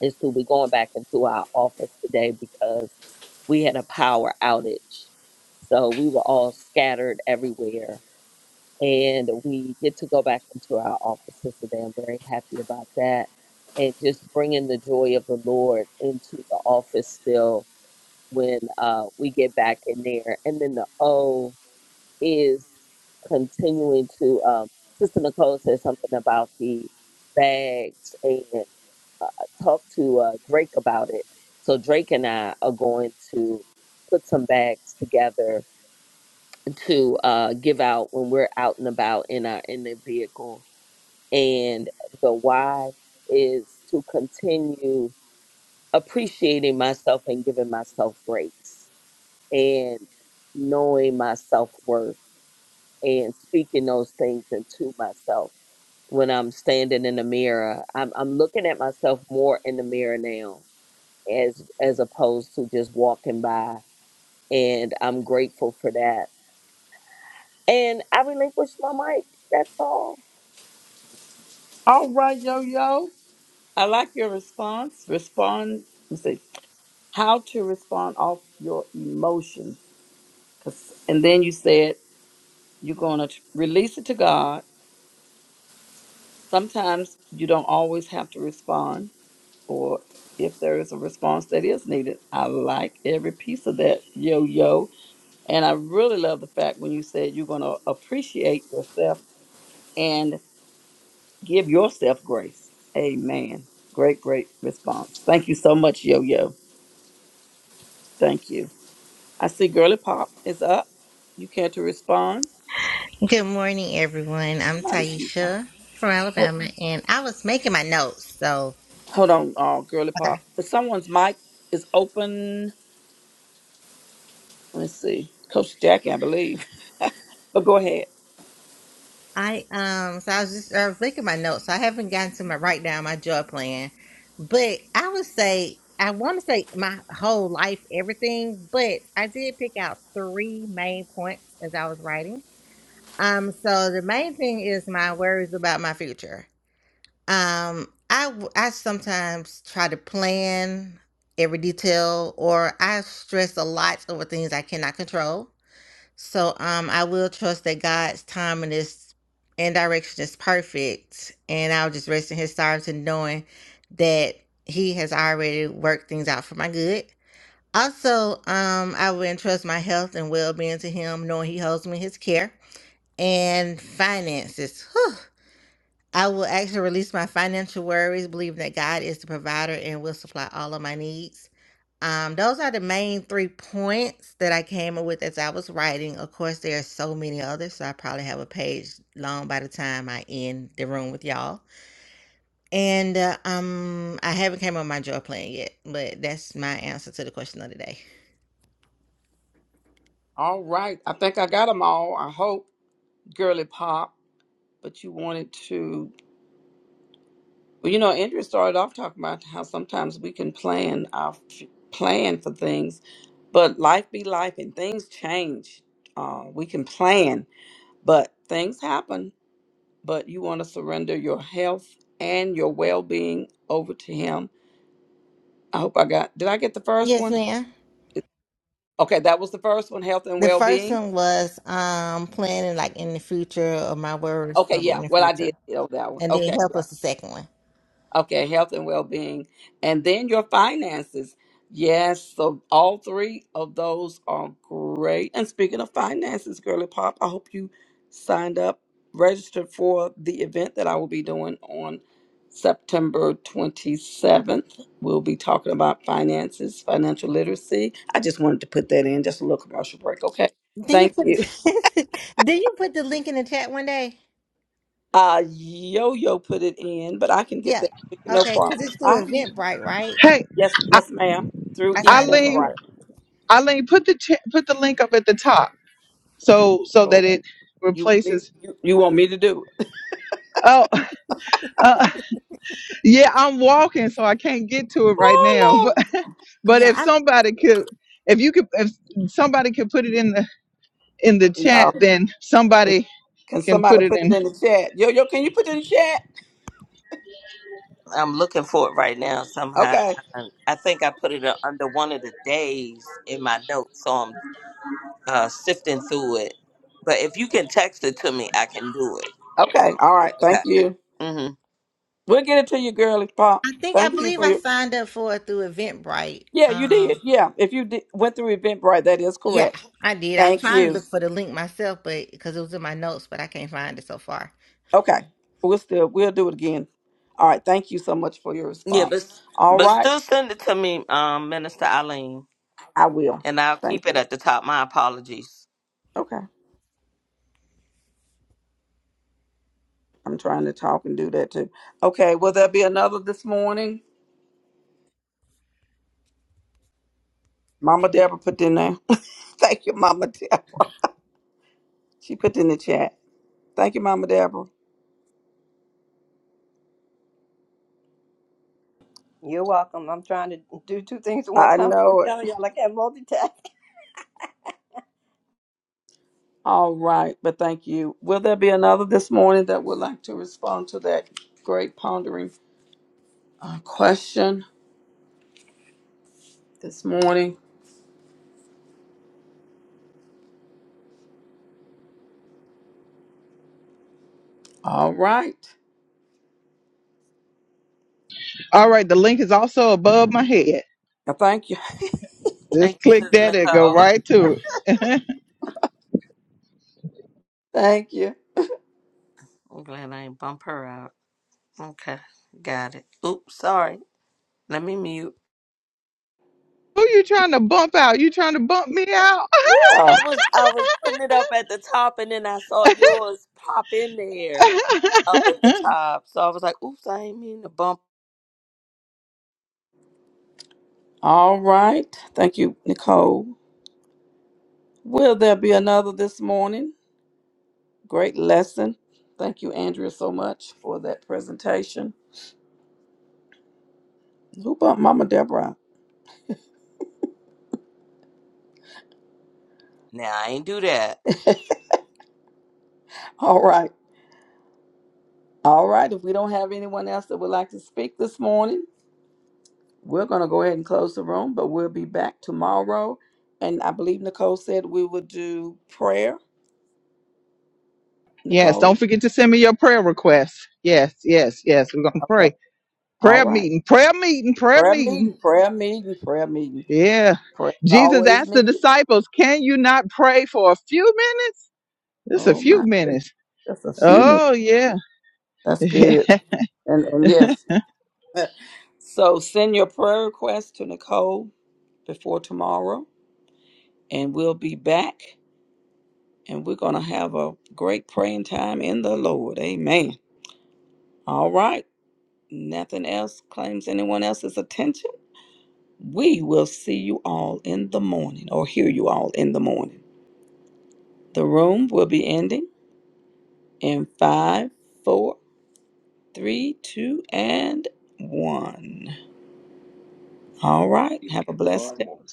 is to be going back into our office today because we had a power outage. So we were all scattered everywhere and we get to go back into our offices today. I'm very happy about that. And just bringing the joy of the Lord into the office still when uh, we get back in there. And then the O is continuing to, um, Sister Nicole said something about the bags and uh, talk to uh, Drake about it. So Drake and I are going to put some bags together to uh, give out when we're out and about in our in the vehicle. And the why is to continue appreciating myself and giving myself grace and knowing my self worth and speaking those things into myself. When I'm standing in the mirror, I'm, I'm looking at myself more in the mirror now as as opposed to just walking by. And I'm grateful for that And I relinquished my mic. That's all.
All right, yo yo. I like your response. Respond. You say how to respond off your emotions, 'Cause- and then you said you're going to release it to God. Sometimes you don't always have to respond, or if there is a response that is needed. I like every piece of that, yo yo And I really love the fact when you said you're going to appreciate yourself and give yourself grace. Amen. Great, great response. Thank you so much, Yo Yo. Thank you. I see Girly Pop is up. You care to respond?
Good morning, everyone. I'm
Somebody's,
Taisha from
oh,
Alabama, and I was making my notes. So
hold on, uh, Girly Pop. But someone's mic is open. Let me see. Coach Jackie, I believe. [LAUGHS] but go ahead.
I um, so I was just I was making my notes. So I haven't gotten to my write down my job plan, but I would say I want to say my whole life, everything. But I did pick out three main points as I was writing. Um, so the main thing is my worries about my future. Um, I w- I sometimes try to plan every detail, or I stress a lot over things I cannot control. So um, I will trust that God's time and His and direction is perfect, and I'll just rest in His arms and knowing that He has already worked things out for my good. Also, um, I will entrust my health and well being to Him, knowing He holds me in His care and finances. I will actually release my financial worries, believing that God is the provider and will supply all of my needs. Um, those are the main three points that I came up with as I was writing. Of course, there are so many others, so I probably have a page long by the time I end the room with y'all. And uh, um, I haven't came up with my joy plan yet, but that's my answer to the question of the day.
All right. I think I got them all. I hope, Girly Pop. But you wanted to. Well, you know, Andrea started off talking about how sometimes we can plan our f- plan for things, but life be life and things change. Uh, we can plan, but things happen. But you want to surrender your health and your well being over to Him. I hope I got. Did I get the first
Yes,
one?
ma'am.
Okay, that was the first one, health and
The
well
first
being.
one was um planning like in the future or my worries
Okay,
for in the
yeah.
near
Well, I
future,
did know that one.
and then
Okay,
help
yeah.
us the second one.
Okay, health and well being. And then your finances. Yes, so all three of those are great. And speaking of finances, Girly Pop, I hope you signed up, registered for the event that I will be doing on September 27th. We'll be talking about finances, financial literacy. I just wanted to put that in, just a little commercial break. Okay,
Then you
thank
put
you. [LAUGHS]
[LAUGHS] then you put the link in the chat one day.
Uh, Yo Yo put it in, but I can get
Yeah.
that. No
Okay, because it's through
problem.
Eventbrite, right?
Hey,
Yes,
I-
yes, ma'am. Through
I signed up
Eileen,
for
Eventbrite.
it.
Eileen, put the ch- put the link up at the top so so
So
that it
you want me
replaces.
you, you want me to do it?
Oh, [LAUGHS] Yeah, I'm walking, so I can't get to it right now. [LAUGHS]
Oh
But but
Yeah,
if
I
somebody could, if you could, if somebody could put it in the in the
Lord. Y'all,
chat, then
can
somebody
can
can
somebody
put it
put it
in.
in the chat? Yo, yo, can you put it in the chat?
I'm looking for it right now somehow.
Okay.
I, I think I put it under one of the days in my notes, so I'm uh, sifting through it. But if you can text it to me, I can do it.
Okay. All right. Thank
Okay.
you.
hmm
We'll get it to you, girly pop.
I think I
Thank you
believe
for
I
your
signed up for it through Eventbrite.
Yeah, you did.
Um,
Yeah. If you did, went through Eventbrite, that is
yeah,
correct.
I did. I was
Thank
trying to
you.
look for the link myself, but because it was in my notes, but I can't find it so far.
Okay. We'll still we'll do it again. All right. Thank you so much for your
Yeah, but
response. All
but
right.
still send it to me, um, Minister Eileen,
I will.
and I'll
Thank
keep it
you.
at the top. My apologies.
Okay. I'm trying to talk and do that too. Okay, will there be another this morning? Mama Deborah put in there. [LAUGHS] Thank you, Mama Deborah. She put in the chat. Thank you, Mama Deborah.
You're welcome. I'm trying to do two things at one
I
time. I'm
know it.
telling y'all I can't multitask.
All right, but thank you. Will there be another this morning that would like to respond to that great pondering uh, question this morning? All right.
All right, the link is also above my head.
Now, Thank you.
Just
Thank you,
click
Sis
that and go
Nicole.
right to it.
[LAUGHS] Thank you.
[LAUGHS] I'm glad I ain't bump her out. Okay, got it. Oops, sorry. Let me mute.
Who you trying to bump out? You trying to bump me out?
Yeah.
I was I was putting it up at the top and then I saw yours pop in there
[LAUGHS]
up at the top. So I was like, oops, I ain't mean to bump.
All right. Thank you, Nicole. Will there be another this morning? Great lesson. Thank you, Andrea, so much for that presentation. Who bumped Mama Deborah?
Now I ain't do that.
[LAUGHS] All right. All right. If we don't have anyone else that would like to speak this morning, we're going to go ahead and close the room, but we'll be back tomorrow. And I believe Nicole said we would do prayer.
yes, don't
Nicole?
forget to send me your prayer requests. Yes, yes, yes. We're gonna
Okay.
pray.
All
Prayer
right.
meeting, prayer meeting, prayer
Prayer
meeting.
meeting, prayer meeting, prayer meeting.
Yeah.
Prayer is
Jesus
always
asked the
needed.
disciples, Can you not pray for a few minutes? Just a
Oh,
few
my goodness.
minutes.
Just a few minutes.
Oh, yeah.
That's
[LAUGHS]
good. And, and yes, [LAUGHS] so send your prayer request to Nicole before tomorrow, and we'll be back. And we're going to have a great praying time in the Lord. Amen. All right. Nothing else claims anyone else's attention. We will see you all in the morning or hear you all in the morning. The room will be ending in five, four, three, two, and one. All right. Have a
All
blessed
right.